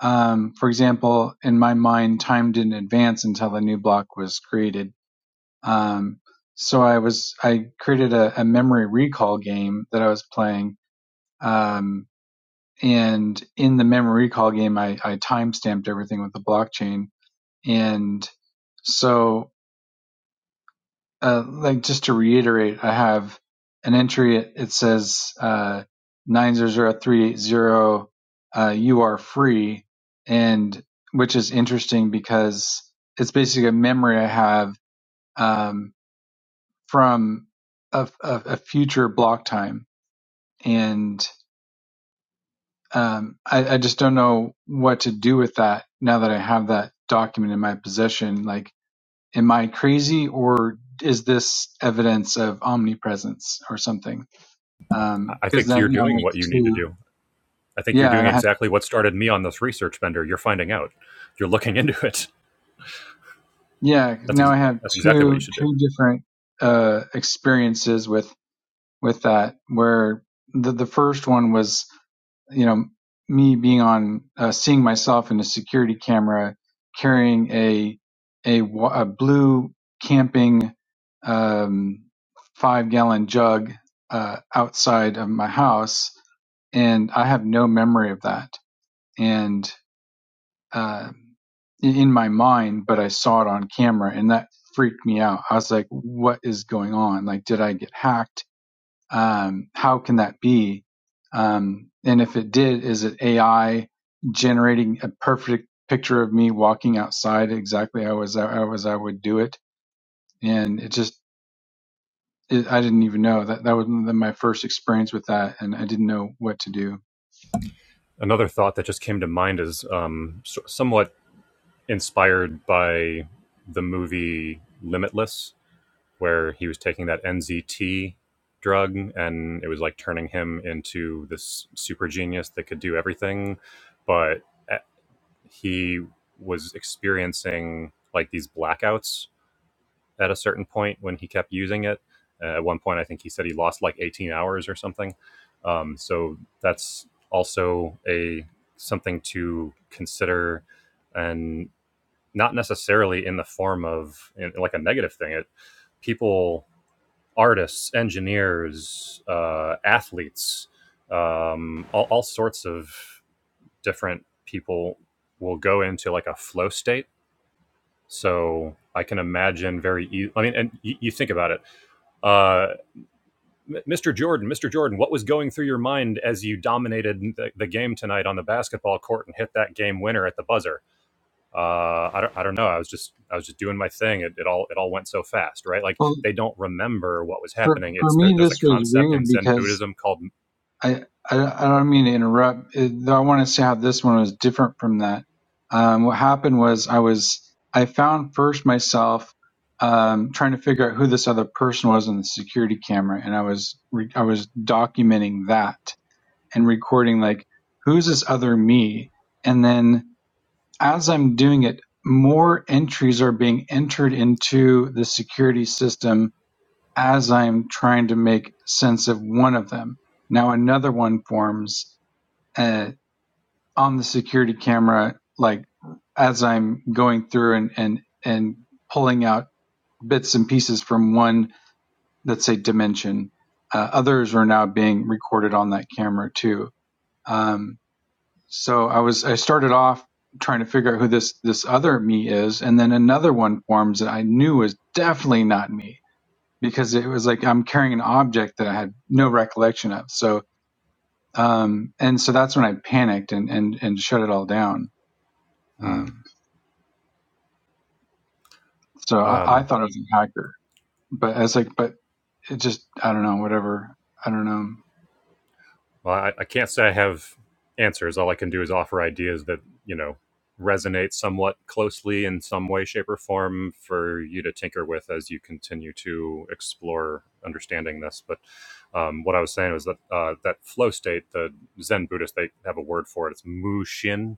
Um, for example, in my mind, time didn't advance until a new block was created Um, so I was I created a, a memory recall game that I was playing, um, and in the memory recall game, I, I time stamped everything with the blockchain. And so, uh, like just to reiterate, I have an entry. It, it says uh, nine zero zero three eight zero. Uh, you are free, and which is interesting because it's basically a memory I have. Um, from a, a, a future block time. And um, I, I just don't know what to do with that now that I have that document in my possession. Like, am I crazy or is this evidence of omnipresence or something? I I Because think now, you're now I doing have what you need to two, do. I think you're yeah, doing and I have, exactly what started me on this research bender. You're finding out. You're looking into it. yeah, That's now ex- I have that's exactly what you two should do. two different uh, experiences with with that where the the first one was you know, me being on, uh, seeing myself in a security camera carrying a, a, a blue camping, um, five gallon jug, uh, outside of my house. And I have no memory of that. And, uh, in my mind, but I saw it on camera and that freaked me out. I was like, what is going on? Like, did I get hacked? um, how can that be? Um, and if it did, is it AI generating a perfect picture of me walking outside exactly how as I was? I would do it? And it just it, I didn't even know that that was my first experience with that, and I didn't know what to do. another thought that just came to mind is um, so- somewhat inspired by the movie Limitless, where he was taking that NZT drug and it was like turning him into this super genius that could do everything. But eh, he was experiencing like these blackouts at a certain point when he kept using it. Uh, at one point, I think he said he lost like 18 hours or something. Um, so that's also a something to consider, and not necessarily in the form of in, like a negative thing. It people, artists, engineers, uh, athletes, um, all, all sorts of different people will go into like a flow state. So I can imagine very. E- I mean, and you, you think about it uh, Mr. Jordan, Mr. Jordan, what was going through your mind as you dominated the, the game tonight on the basketball court and hit that game winner at the buzzer? Uh, I don't, I don't know. I was just, I was just doing my thing. It, it all, it all went so fast, right? Like Well, they don't remember what was for happening. for It's there, me, there's a this was concept in weird Zen because Buddhism called I, I, I don't mean to interrupt. It, though I want to say how this one was different from that. Um, what happened was I was I found first myself um, trying to figure out who this other person was on the security camera, and I was re- I was documenting that and recording like who's this other me, and then as I'm doing it, more entries are being entered into the security system as I am trying to make sense of one of them, now another one forms uh, on the security camera, like as I'm going through and, and, and pulling out bits and pieces from one, let's say, dimension. Uh, others are now being recorded on that camera too. Um, so I was, I started off trying to figure out who this, this other me is. And then another one forms that I knew was definitely not me because it was like I'm carrying an object that I had no recollection of. So, um, and so that's when I panicked and and and shut it all down. hmm, Um, so I, I um, thought it was a hacker, but I was like, but it just I don't know, whatever. I don't know. Well, I, I can't say I have answers. All I can do is offer ideas that, you know, resonate somewhat closely in some way, shape, or form for you to tinker with as you continue to explore understanding this. But um, what I was saying was that uh, that flow state, the Zen Buddhists, they have a word for it. It's mushin,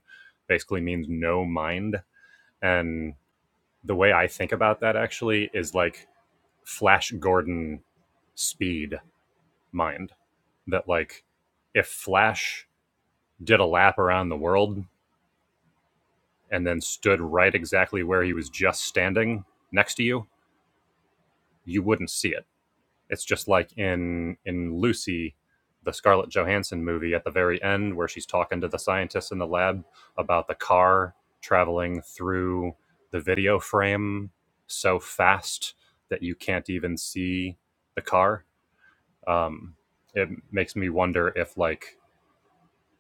basically means no mind. And the way I think about that actually is like Flash Gordon speed mind, that like if Flash did a lap around the world, and then stood right exactly where he was just standing next to you, you wouldn't see it. It's just like in in Lucy, the Scarlett Johansson movie at the very end where she's talking to the scientists in the lab about the car traveling through the video frame so fast that you can't even see the car. Um, it makes me wonder if like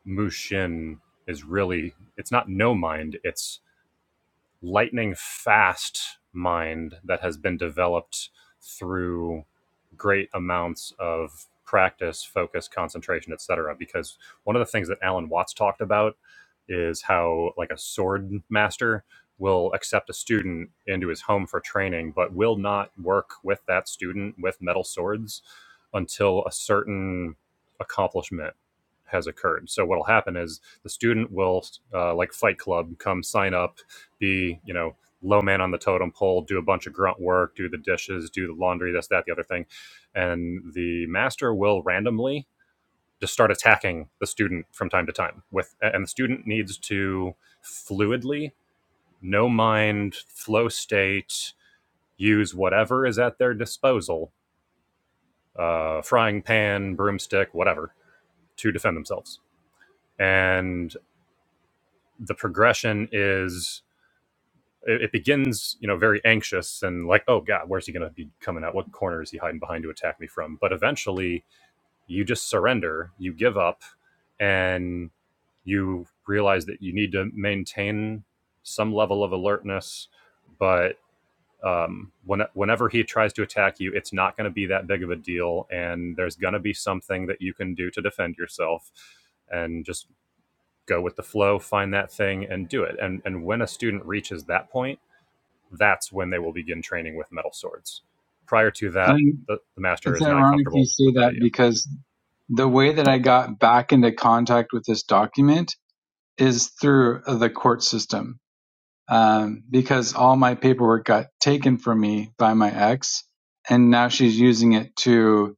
Mushin is really it's not no mind, it's lightning fast mind that has been developed through great amounts of practice, focus, concentration, etc. Because one of the things that Alan Watts talked about is how like a sword master will accept a student into his home for training, but will not work with that student with metal swords until a certain accomplishment has occurred. So what'll happen is the student will uh, like Fight Club come sign up be you know low man on the totem pole do a bunch of grunt work do the dishes do the laundry this that the other thing and the master will randomly just start attacking the student from time to time with and the student needs to fluidly no mind flow state use whatever is at their disposal uh, frying pan broomstick whatever to defend themselves and the progression is it, it begins, you know, very anxious and like, oh God, where's he going to be coming out? What corner is he hiding behind to attack me from? But eventually, you just surrender, you give up, and you realize that you need to maintain some level of alertness. But um, when, whenever he tries to attack you, it's not going to be that big of a deal, and there's going to be something that you can do to defend yourself, and just go with the flow, find that thing, and do it. And and when a student reaches that point that's when they will begin training with metal swords. Prior to I that, think the, the master it's is not ironic you comfortable with say that that idea. because the way that I got back into contact with this document is through the court system um, because all my paperwork got taken from me by my ex, and now she's using it to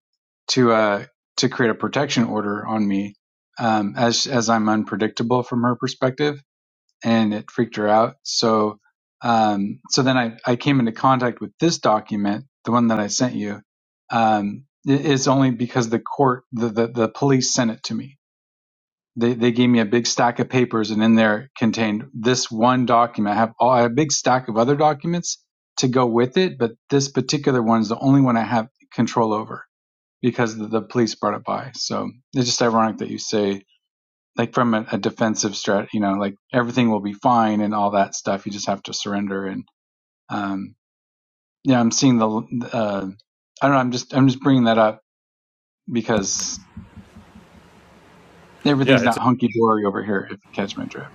to uh, to create a protection order on me um, as as I'm unpredictable from her perspective, and it freaked her out. So um, so then I I came into contact with this document, the one that I sent you. Um, it- it's only because the court the, the the police sent it to me they they gave me a big stack of papers, and in there contained this one document. I have, all, I have a big stack of other documents to go with it, but this particular one is the only one I have control over because the, the police brought it by. So it's just ironic that you say like from a, a defensive strat, you know, like everything will be fine and all that stuff. You just have to surrender. And um, yeah, I'm seeing the uh, I don't know. I'm just I'm just bringing that up because Yeah, everything's not it's hunky dory over here. If you catch my drift.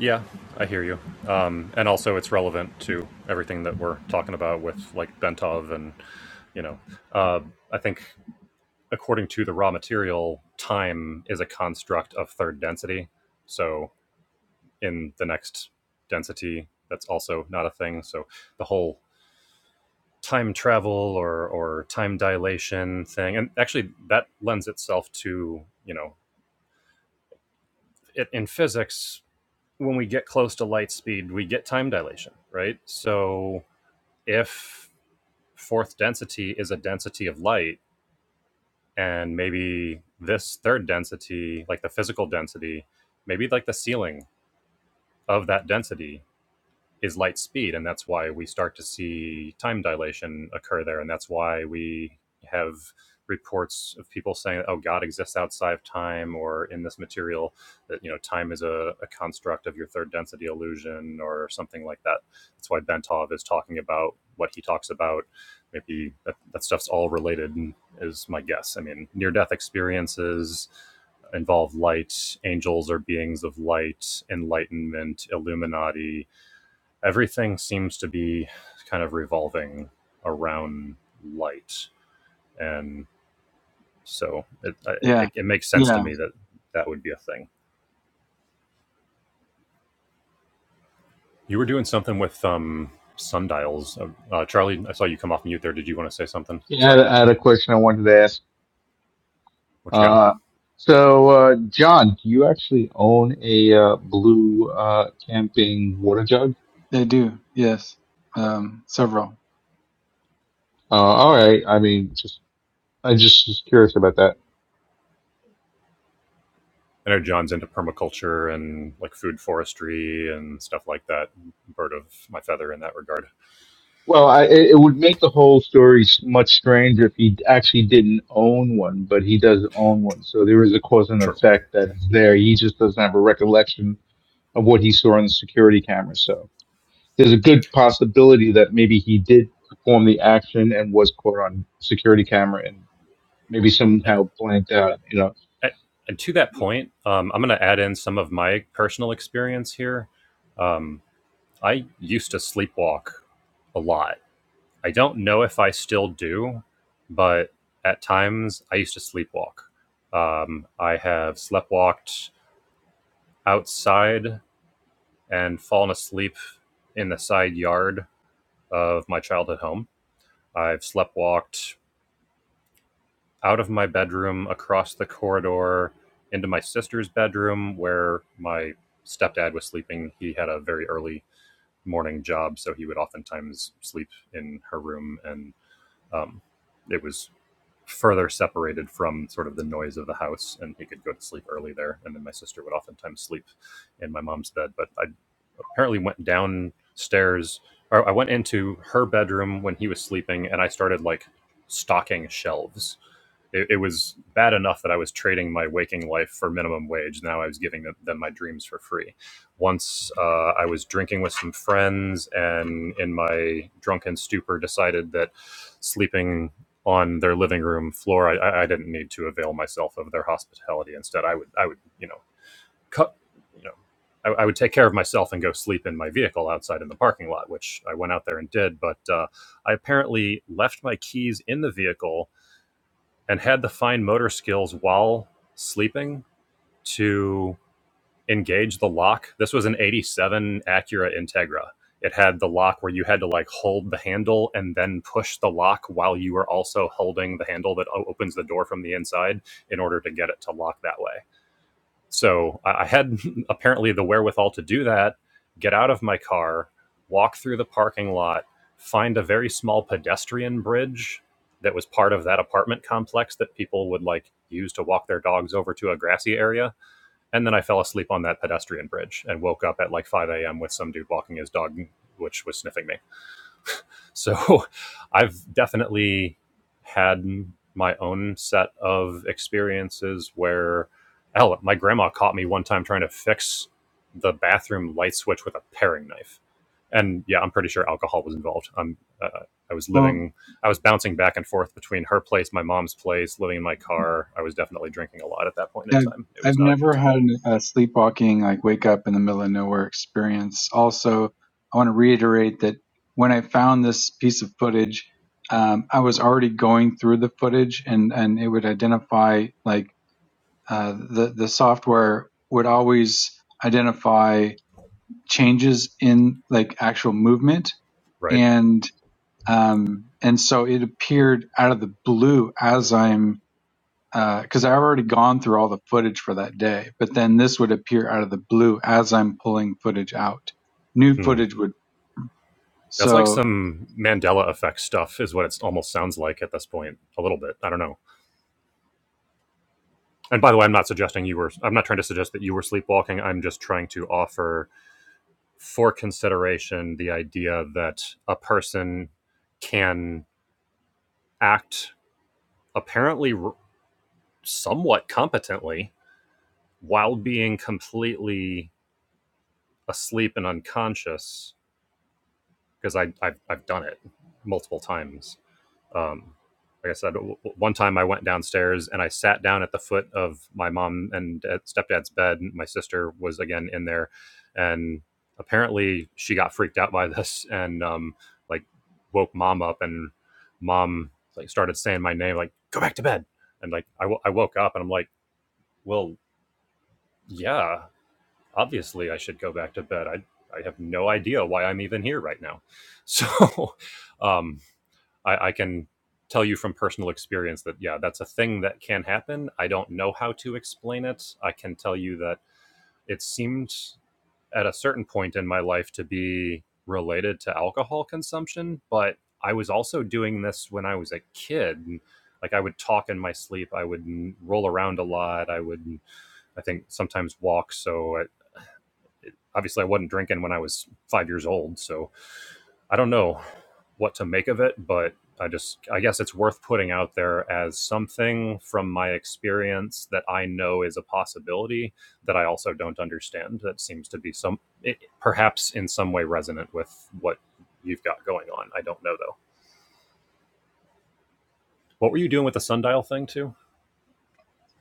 yeah, I hear you. Um, and also, it's relevant to everything that we're talking about with like Bentov and you know, uh, I think according to the raw material, time is a construct of third density. So in the next density, that's also not a thing. So the whole time travel or or time dilation thing and actually that lends itself to you know it, in physics when we get close to light speed we get time dilation right so if fourth density is a density of light and maybe this third density like the physical density maybe like the ceiling of that density is light speed, and that's why we start to see time dilation occur there, and that's why we have reports of people saying, "Oh, God exists outside of time," or in this material that you know time is a, a construct of your third density illusion, or something like that. That's why Bentov is talking about what he talks about. Maybe that, that stuff's all related, is my guess. I mean, near death experiences involve light. Angels are beings of light. Enlightenment, Illuminati everything seems to be kind of revolving around light and so it, Yeah. it, it makes sense Yeah. to me that that would be a thing you were doing something with um sundials Uh, uh, charlie i saw you come off mute there did you want to say something Yeah, I had sorry I had a question I wanted to ask. what you got Uh, so, uh, John, do you actually own a uh, blue uh, camping water jug? They do, yes, um, several. Uh, all right. I mean, just I just was curious about that. i know john's into permaculture and like food forestry and stuff like that bird of my feather in that regard Well, I, it it would make the whole story s- much stranger if he actually didn't own one, but he does own one. So there is a cause and true effect that's there. He just doesn't have a recollection of what he saw on the security camera. So there's a good possibility that maybe he did perform the action and was caught on security camera maybe A- somehow blanked out. You know, and to that point um, i'm going to add in some of my personal experience here Um, I used to sleepwalk a lot. I don't know if I still do, but at times I used to sleepwalk. Um, I have sleptwalked outside and fallen asleep in the side yard of my childhood home. I've sleptwalked out of my bedroom, across the corridor, into my sister's bedroom where my stepdad was sleeping. He had a very early morning job, so he would oftentimes sleep in her room and Um, it was further separated from sort of the noise of the house, and he could go to sleep early there. And then my sister would oftentimes sleep in my mom's bed. But I apparently went downstairs, or I went into her bedroom when he was sleeping, and I started like stocking shelves it, it was bad enough that I was trading my waking life for minimum wage. Now I was giving them, them my dreams for free. Once uh, I was drinking with some friends and in my drunken stupor decided that sleeping on their living room floor, I, I didn't need to avail myself of their hospitality. Instead, I would, I would, you know, cut, you know, I, I would take care of myself and go sleep in my vehicle outside in the parking lot, which I went out there and did. But uh, I apparently left my keys in the vehicle and had the fine motor skills while sleeping to engage the lock. This was an 87 Acura Integra. It had the lock where you had to like hold the handle and then push the lock while you were also holding the handle that opens the door from the inside in order to get it to lock that way so I had apparently the wherewithal to do that, get out of my car, walk through the parking lot, find a very small pedestrian bridge that was part of that apartment complex that people would like use to walk their dogs over to a grassy area. And then I fell asleep on that pedestrian bridge and woke up at like 5 a.m. with some dude walking his dog, which was sniffing me. So I've definitely had my own set of experiences where, hell, my grandma caught me one time trying to fix the bathroom light switch with a paring knife. And yeah, I'm pretty sure alcohol was involved. I'm, uh, I was Well, living, I was bouncing back and forth between her place, my mom's place, living in my car. I was definitely drinking a lot at that point in I've time. It was I've not a good never time. had an, a sleepwalking like wake up in the middle of nowhere experience. Also, I want to reiterate that when I found this piece of footage, um, I was already going through the footage, and and it would identify like uh, the the software would always identify changes in like actual movement Right. and um and so it appeared out of the blue as i'm because uh, I've already gone through all the footage for that day, but then this would appear out of the blue as I'm pulling footage out. New Hmm. footage would That's like so some Mandela effect stuff, is what it almost sounds like at this point, a little bit. I don't know. And by the way, I'm not suggesting you were, I'm not trying to suggest that you were sleepwalking. I'm just trying to offer for consideration the idea that a person can act apparently somewhat competently while being completely asleep and unconscious, because I, I've, I've done it multiple times um, like I said, one time I went downstairs and I sat down at the foot of my mom and stepdad's bed. My sister was again in there, and apparently she got freaked out by this and um, like woke mom up, and mom like started saying my name, like "Go back to bed," and like I, w- I woke up and I'm like, "Well, yeah, obviously I should go back to bed. I I have no idea why I'm even here right now." So, um, I, I can tell you from personal experience that yeah, that's a thing that can happen. I don't know how to explain it. I can tell you that it seemed at a certain point in my life to be related to alcohol consumption, but I was also doing this when I was a kid. Like I would talk in my sleep, I would roll around a lot, I would I think sometimes walk, so I, obviously I wasn't drinking when I was 5 years old, so I don't know what to make of it, but I just I guess it's worth putting out there as something from my experience that I know is a possibility that I also don't understand that seems to be some it, perhaps in some way resonant with what you've got going on. I don't know though. What were you doing with the sundial thing too?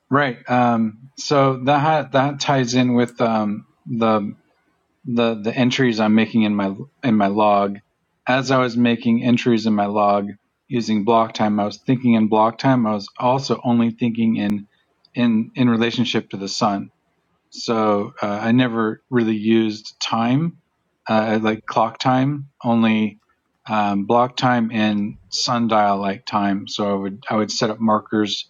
right. Um, so that that ties in with um, the the the entries I'm making in my in my log. As I was making entries in my log using block time, I was thinking in block time. I was also only thinking in in in relationship to the sun. So uh, I never really used time, uh, like clock time, only um, block time and sundial like time. So I would I would set up markers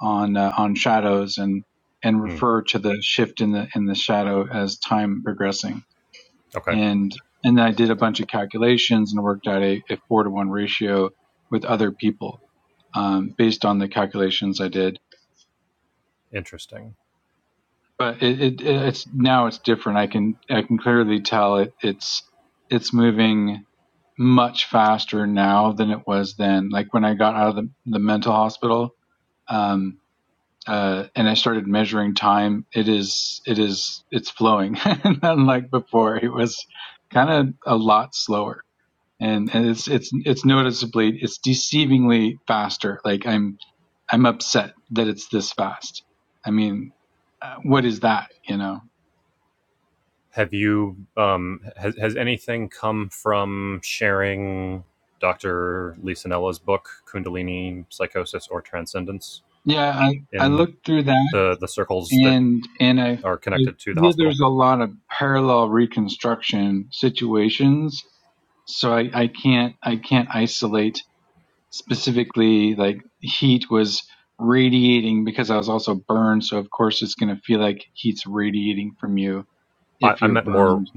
on uh, on shadows and and Hmm. refer to the shift in the in the shadow as time progressing. Okay, And and then I did a bunch of calculations and worked out a, a four to one ratio with other people um, based on the calculations I did interesting. but it, it it's now it's different. I can I can clearly tell it it's it's moving much faster now than it was then. Like when I got out of the, the mental hospital, um, uh, and I started measuring time, it is it is it's flowing. Unlike before, it was kind of a lot slower, and, and it's it's it's noticeably it's deceivingly faster. Like I'm I'm upset that it's this fast. I mean, uh, what is that? You know. Have you um has, has anything come from sharing Dr. Lisanella's book Kundalini Psychosis or Transcendence? Yeah, I, I in looked through that the the circles that and and I, I are connected to the feel hospital. there's a lot of parallel reconstruction situations. So I, I can't I can't isolate specifically like heat was radiating because I was also burned, so of course it's gonna feel like heat's radiating from you I, if I you're meant more. burned.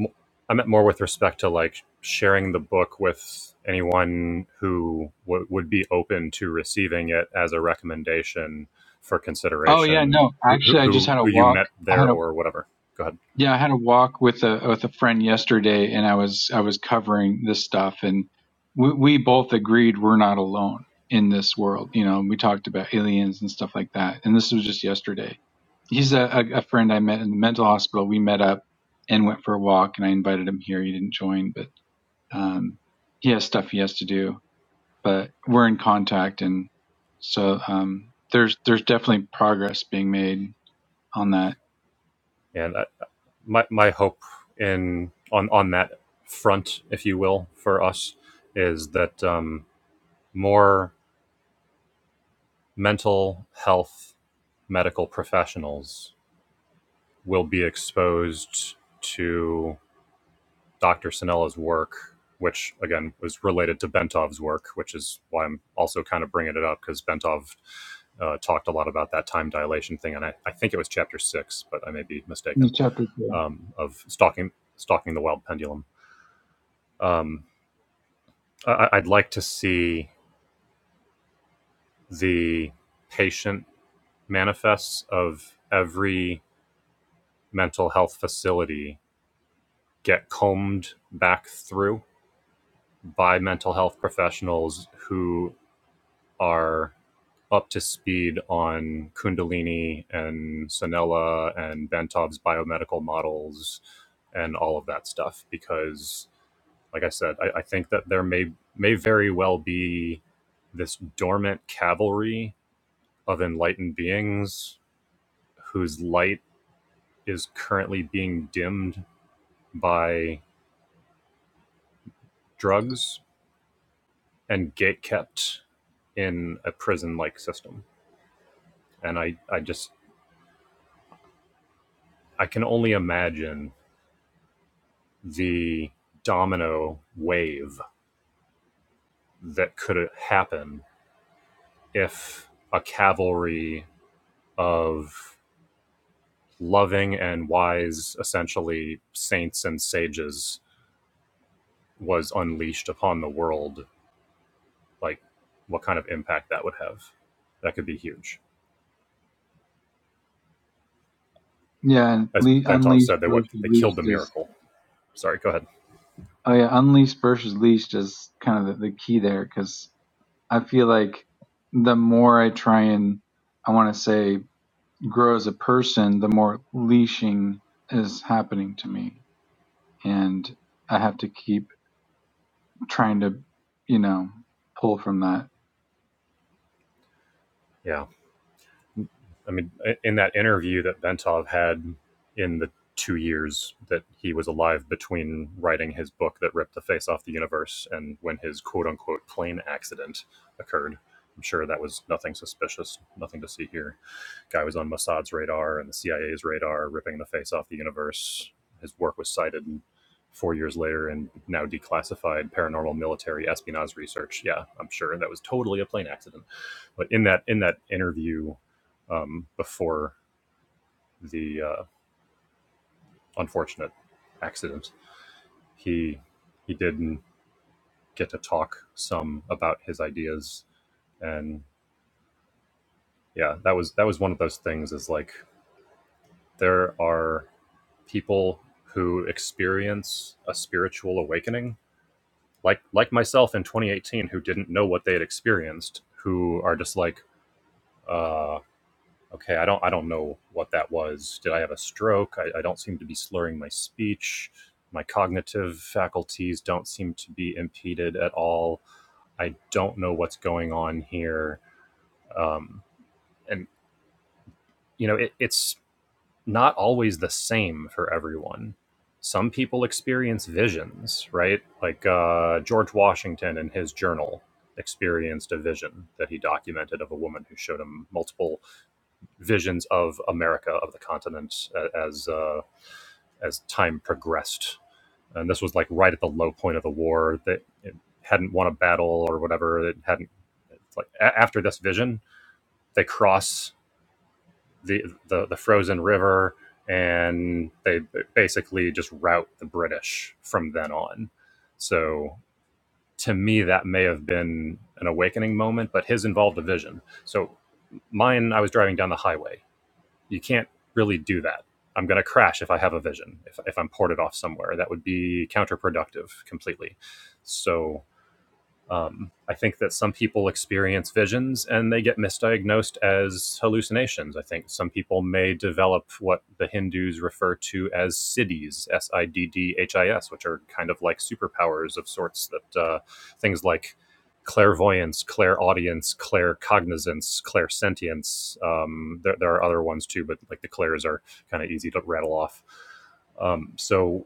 I meant more with respect to like sharing the book with anyone who w- would be open to receiving it as a recommendation for Oh yeah, consideration. no. Who who Actually I just who had a you walk met I there had a or whatever. Go ahead. Yeah, I had a walk with a with a friend yesterday, and I was I was covering this stuff, and we, we both agreed we're not alone in this world. You know, and we talked about aliens and stuff like that, and this was just yesterday. He's a, a, a friend I met in the mental hospital. We met up and went for a walk, and I invited him here. He didn't join, but um, he has stuff he has to do. But we're in contact, and so um, there's there's definitely progress being made on that. And I, my my hope in on on that front, if you will, for us is that um, more mental health medical professionals will be exposed to Dr. Sinella's work, which again was related to Bentov's work, which is why I'm also kind of bringing it up because Bentov uh, talked a lot about that time dilation thing, and I, I think it was chapter six, but I may be In mistaken, chapter two. um, of stalking stalking the wild pendulum. Um, I, I'd like to see the patient manifests of every mental health facility get combed back through by mental health professionals who are up to speed on Kundalini and Sanella and Bentov's biomedical models and all of that stuff. Because, like I said, I, I think that there may may very well be this dormant cavalry of enlightened beings whose light is currently being dimmed by drugs and gatekept in a prison-like system. and I I just I can only imagine the domino wave that could happen if a cavalry of loving and wise essentially saints and sages was unleashed upon the world like what kind of impact that would have that could be huge Yeah, and as le- bentov unleashed said they what versus they killed leashed the is miracle sorry go ahead oh yeah, unleashed versus leashed is kind of the, the key there because I feel like the more I try and I want to say grow as a person, the more leashing is happening to me, and I have to keep trying to you know pull from that. yeah I mean, in that interview that Bentov had in the two years that he was alive between writing his book that ripped the face off the universe and when his quote unquote plane accident occurred, I'm sure that was nothing suspicious, nothing to see here. Guy was on Mossad's radar and the CIA's radar, ripping the face off the universe. His work was cited four years later in now declassified paranormal military espionage research. Yeah, I'm sure that was totally a plane accident. But in that in that interview um, before the uh, unfortunate accident, he he did get to talk some about his ideas, and yeah, that was that was one of those things. Is like there are people who experience a spiritual awakening, like like myself in 2018, who didn't know what they had experienced, who are just like. uh, okay i don't i don't know what that was did i have a stroke i, I don't seem to be slurring my speech my cognitive faculties don't seem to be impeded at all i don't know what's going on here um, and you know it, it's not always the same for everyone some people experience visions right like uh, george washington in his journal experienced a vision that he documented of a woman who showed him multiple visions of America of the continent uh, as uh, as time progressed. And this was like right at the low point of the war. That it hadn't won a battle or whatever. It hadn't like a- after this vision, they cross the the, the frozen river and they basically just rout the British from then on. So to me, that may have been an awakening moment, but his involved a vision. So mine, I was driving down the highway you can't really do that. I'm going to crash if I have a vision, if, if I'm ported off somewhere. That would be counterproductive completely. So um, I think that some people experience visions and they get misdiagnosed as hallucinations. I think some people may develop what the Hindus refer to as siddhis, S I D D H I S, which are kind of like superpowers of sorts that uh, things like clairvoyance, clairaudience, claircognizance, clairsentience. Um, there, there are other ones too, but like the clairs are kind of easy to rattle off. Um, so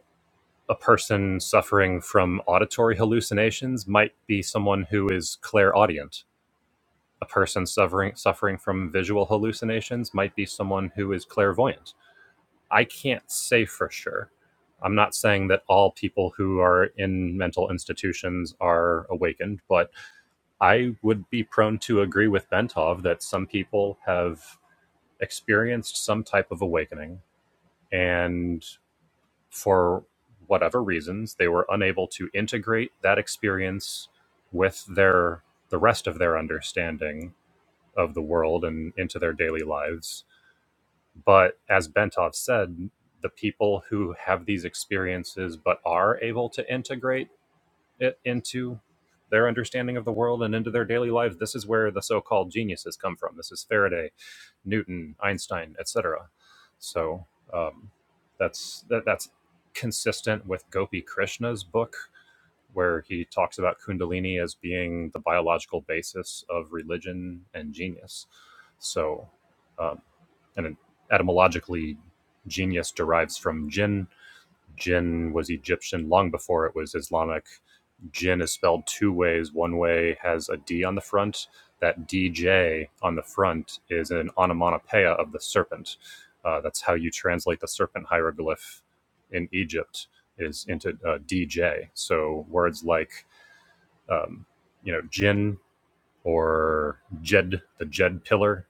a person suffering from auditory hallucinations might be someone who is clairaudient. A person suffering suffering from visual hallucinations might be someone who is clairvoyant. I can't say for sure. I'm not saying that all people who are in mental institutions are awakened, but I would be prone to agree with Bentov that some people have experienced some type of awakening. And for whatever reasons, they were unable to integrate that experience with their the rest of their understanding of the world and into their daily lives. But as Bentov said, the people who have these experiences but are able to integrate it into their understanding of the world and into their daily lives. This is where the so-called geniuses come from. This is Faraday, Newton, Einstein, etc. So um, that's that, that's consistent with Gopi Krishna's book, where he talks about Kundalini as being the biological basis of religion and genius. So, um, and etymologically, genius derives from jinn, Jinn was Egyptian long before it was Islamic. Jinn is spelled two ways. One way has a D on the front. That DJ on the front is an onomatopoeia of the serpent. Uh, that's how you translate the serpent hieroglyph in Egypt is into uh, DJ. So words like, um, you know, Jinn or Jed, the Jed pillar,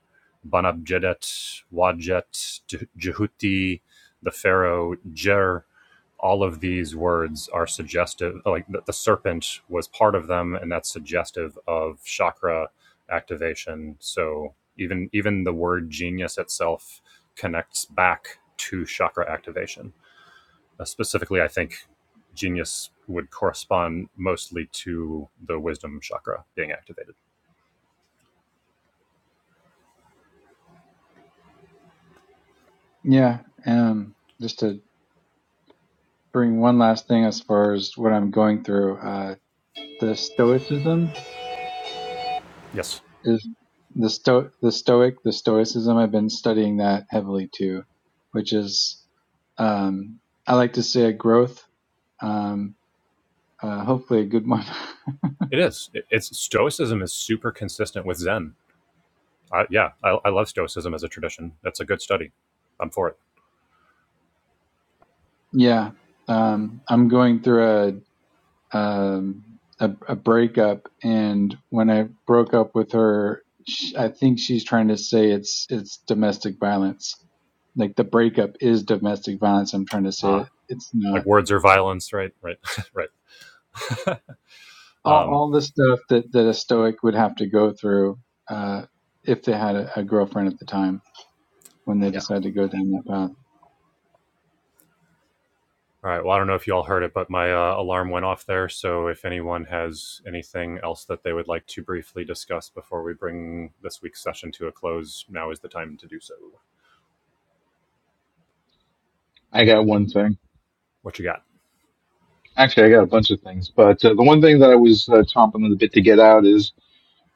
Banab Jedet, Wajet, Jehuti, the pharaoh Jer all of these words are suggestive like the, the serpent was part of them and that's suggestive of chakra activation so even even the word genius itself connects back to chakra activation uh, specifically i think genius would correspond mostly to the wisdom chakra being activated Yeah, um, just to bring one last thing as far as what I'm going through, uh, the stoicism yes is the sto the stoic the stoicism i've been studying that heavily too which is um i like to say a growth um uh, hopefully a good one it is It- it's stoicism is super consistent with zen I, yeah I, I love stoicism as a tradition that's a good study i'm for it yeah um i'm going through a um a, a breakup and when i broke up with her sh i think she's trying to say it's it's domestic violence like the breakup is domestic violence i'm trying to say Um, that it's not like words are violence, right? Right, right. all, um, all the stuff that, that a stoic would have to go through uh, if they had a, a girlfriend at the time when they yeah. decided to go down that path. All right. Well, I don't know if you all heard it, but my uh, alarm went off there. So if anyone has anything else that they would like to briefly discuss before we bring this week's session to a close, now is the time to do so. I got one thing. What you got? Actually, I got a bunch of things, but uh, the one thing that I was uh, chomping on the bit to get out is,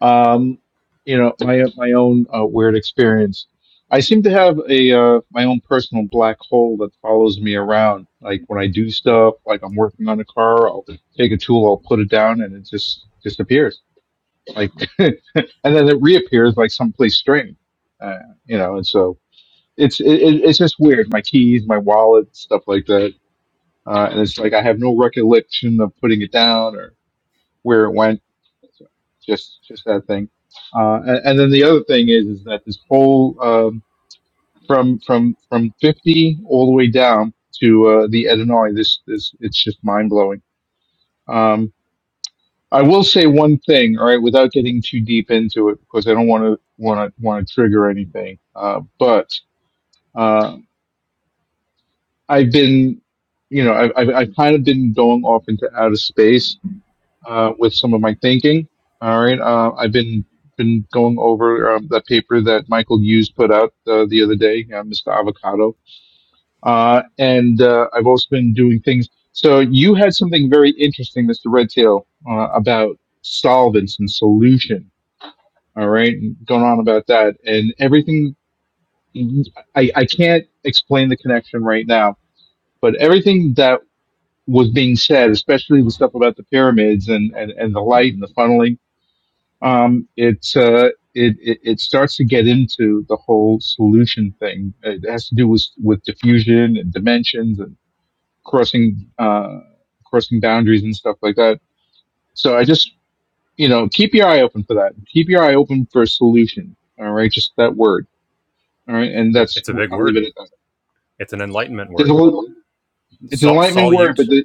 um, you know, my my own uh, weird experience. I seem to have a uh, my own personal black hole that follows me around. Like when I do stuff, like I'm working on a car, I'll take a tool, I'll put it down, and it just disappears. Like, and then it reappears like someplace strange. Uh, you know, and so it's it, it- it's just weird. My keys, my wallet, stuff like that, uh, and it's like I have no recollection of putting it down or where it went. So just just that thing. Uh, and, and then the other thing is is that this whole um, from from from fifty all the way down to uh, the Illinois, this this it's just mind blowing. Um, I will say one thing, all right, without getting too deep into it, because I don't want to want to want to trigger anything. Uh, but uh, I've been, you know, I've, I've, I've kind of been going off into outer space, uh, with some of my thinking. All right. Uh, I've been, been going over, um, that paper that Michael Hughes put out, uh, the other day, uh, Mr. Avocado. Uh, and, uh, I've also been doing things. So you had something very interesting, Mr. Redtail, uh, about solvents and solution. All right. and Going on about that and everything. I, I can't explain the connection right now but everything that was being said, especially the stuff about the pyramids and, and, and the light and the funneling. Um, it's, uh, it, it, it starts to get into the whole solution thing. It has to do with, with diffusion and dimensions and crossing, uh, crossing boundaries and stuff like that. So I just, you know, keep your eye open for that. Keep your eye open for a solution. All right. Just that word. All right. And It, that's, it's a big I'll leave it word. at that. It's an enlightenment There's a word. little, it's an Sol- enlightenment word, solute but the,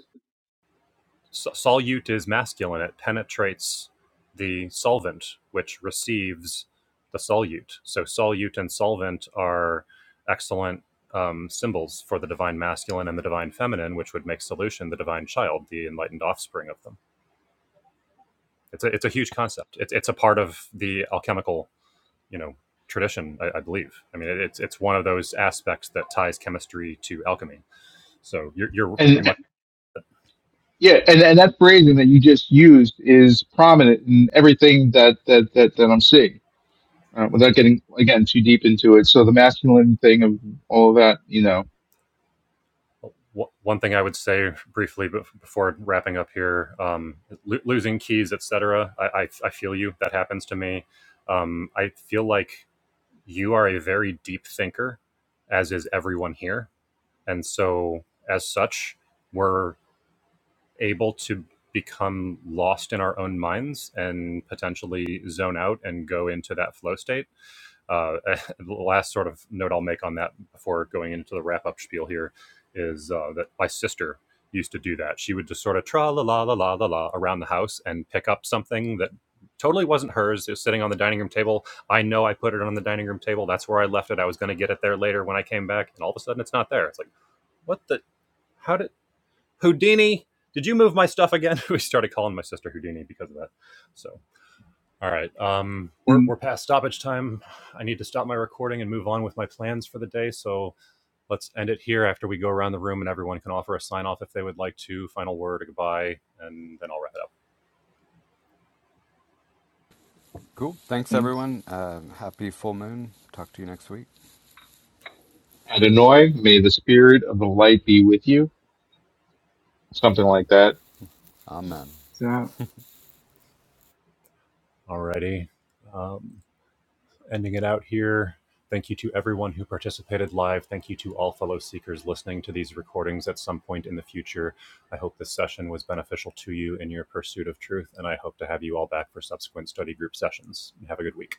so- solute is masculine. It penetrates the solvent, which receives the solute. So solute and solvent are excellent um, symbols for the divine masculine and the divine feminine, which would make solution the divine child, the enlightened offspring of them. It's a, it's a huge concept. It's, it's a part of the alchemical, you know, tradition, I, I believe. I mean, it, it's, it's one of those aspects that ties chemistry to alchemy. So you're, you're very and. much. Yeah, and, and that phrasing that you just used is prominent in everything that that that, that I'm seeing. Uh, without getting again too deep into it, so the masculine thing of all of that, you know, One thing I would say briefly before wrapping up here, um, lo- losing keys, etc. I, I, I feel you. That happens to me. Um, I feel like you are a very deep thinker, as is everyone here, and so as such, we're able to become lost in our own minds and potentially zone out and go into that flow state uh, the last sort of note I'll make on that before going into the wrap up spiel here is uh, that my sister used to do that. She would just sort of tra la la la la la la around the house and pick up something that totally wasn't hers. It was sitting on the dining room table. I know I put it on the dining room table. That's where I left it. I was going to get it there later when I came back, and all of a sudden it's not there. It's like, what the? How did Houdini? Did you move my stuff again? we started calling my sister Houdini because of that. So all right. Um, we're And we're past stoppage time. I need to stop my recording and move on with my plans for the day. So let's end it here after we go around the room and everyone can offer a sign off if they would like to, final word, a goodbye, and then I'll wrap it up. Cool. Thanks, thanks. everyone. Uh, happy full moon. Talk to you next week. Adonai, may the spirit of the light be with you, something like that Amen. So All righty. Um, ending it out here. Thank you to everyone who participated live. Thank you to all fellow seekers listening to these recordings at some point in the future. I hope this session was beneficial to you in your pursuit of truth, and I hope to have you all back for subsequent study group sessions. Have a good week.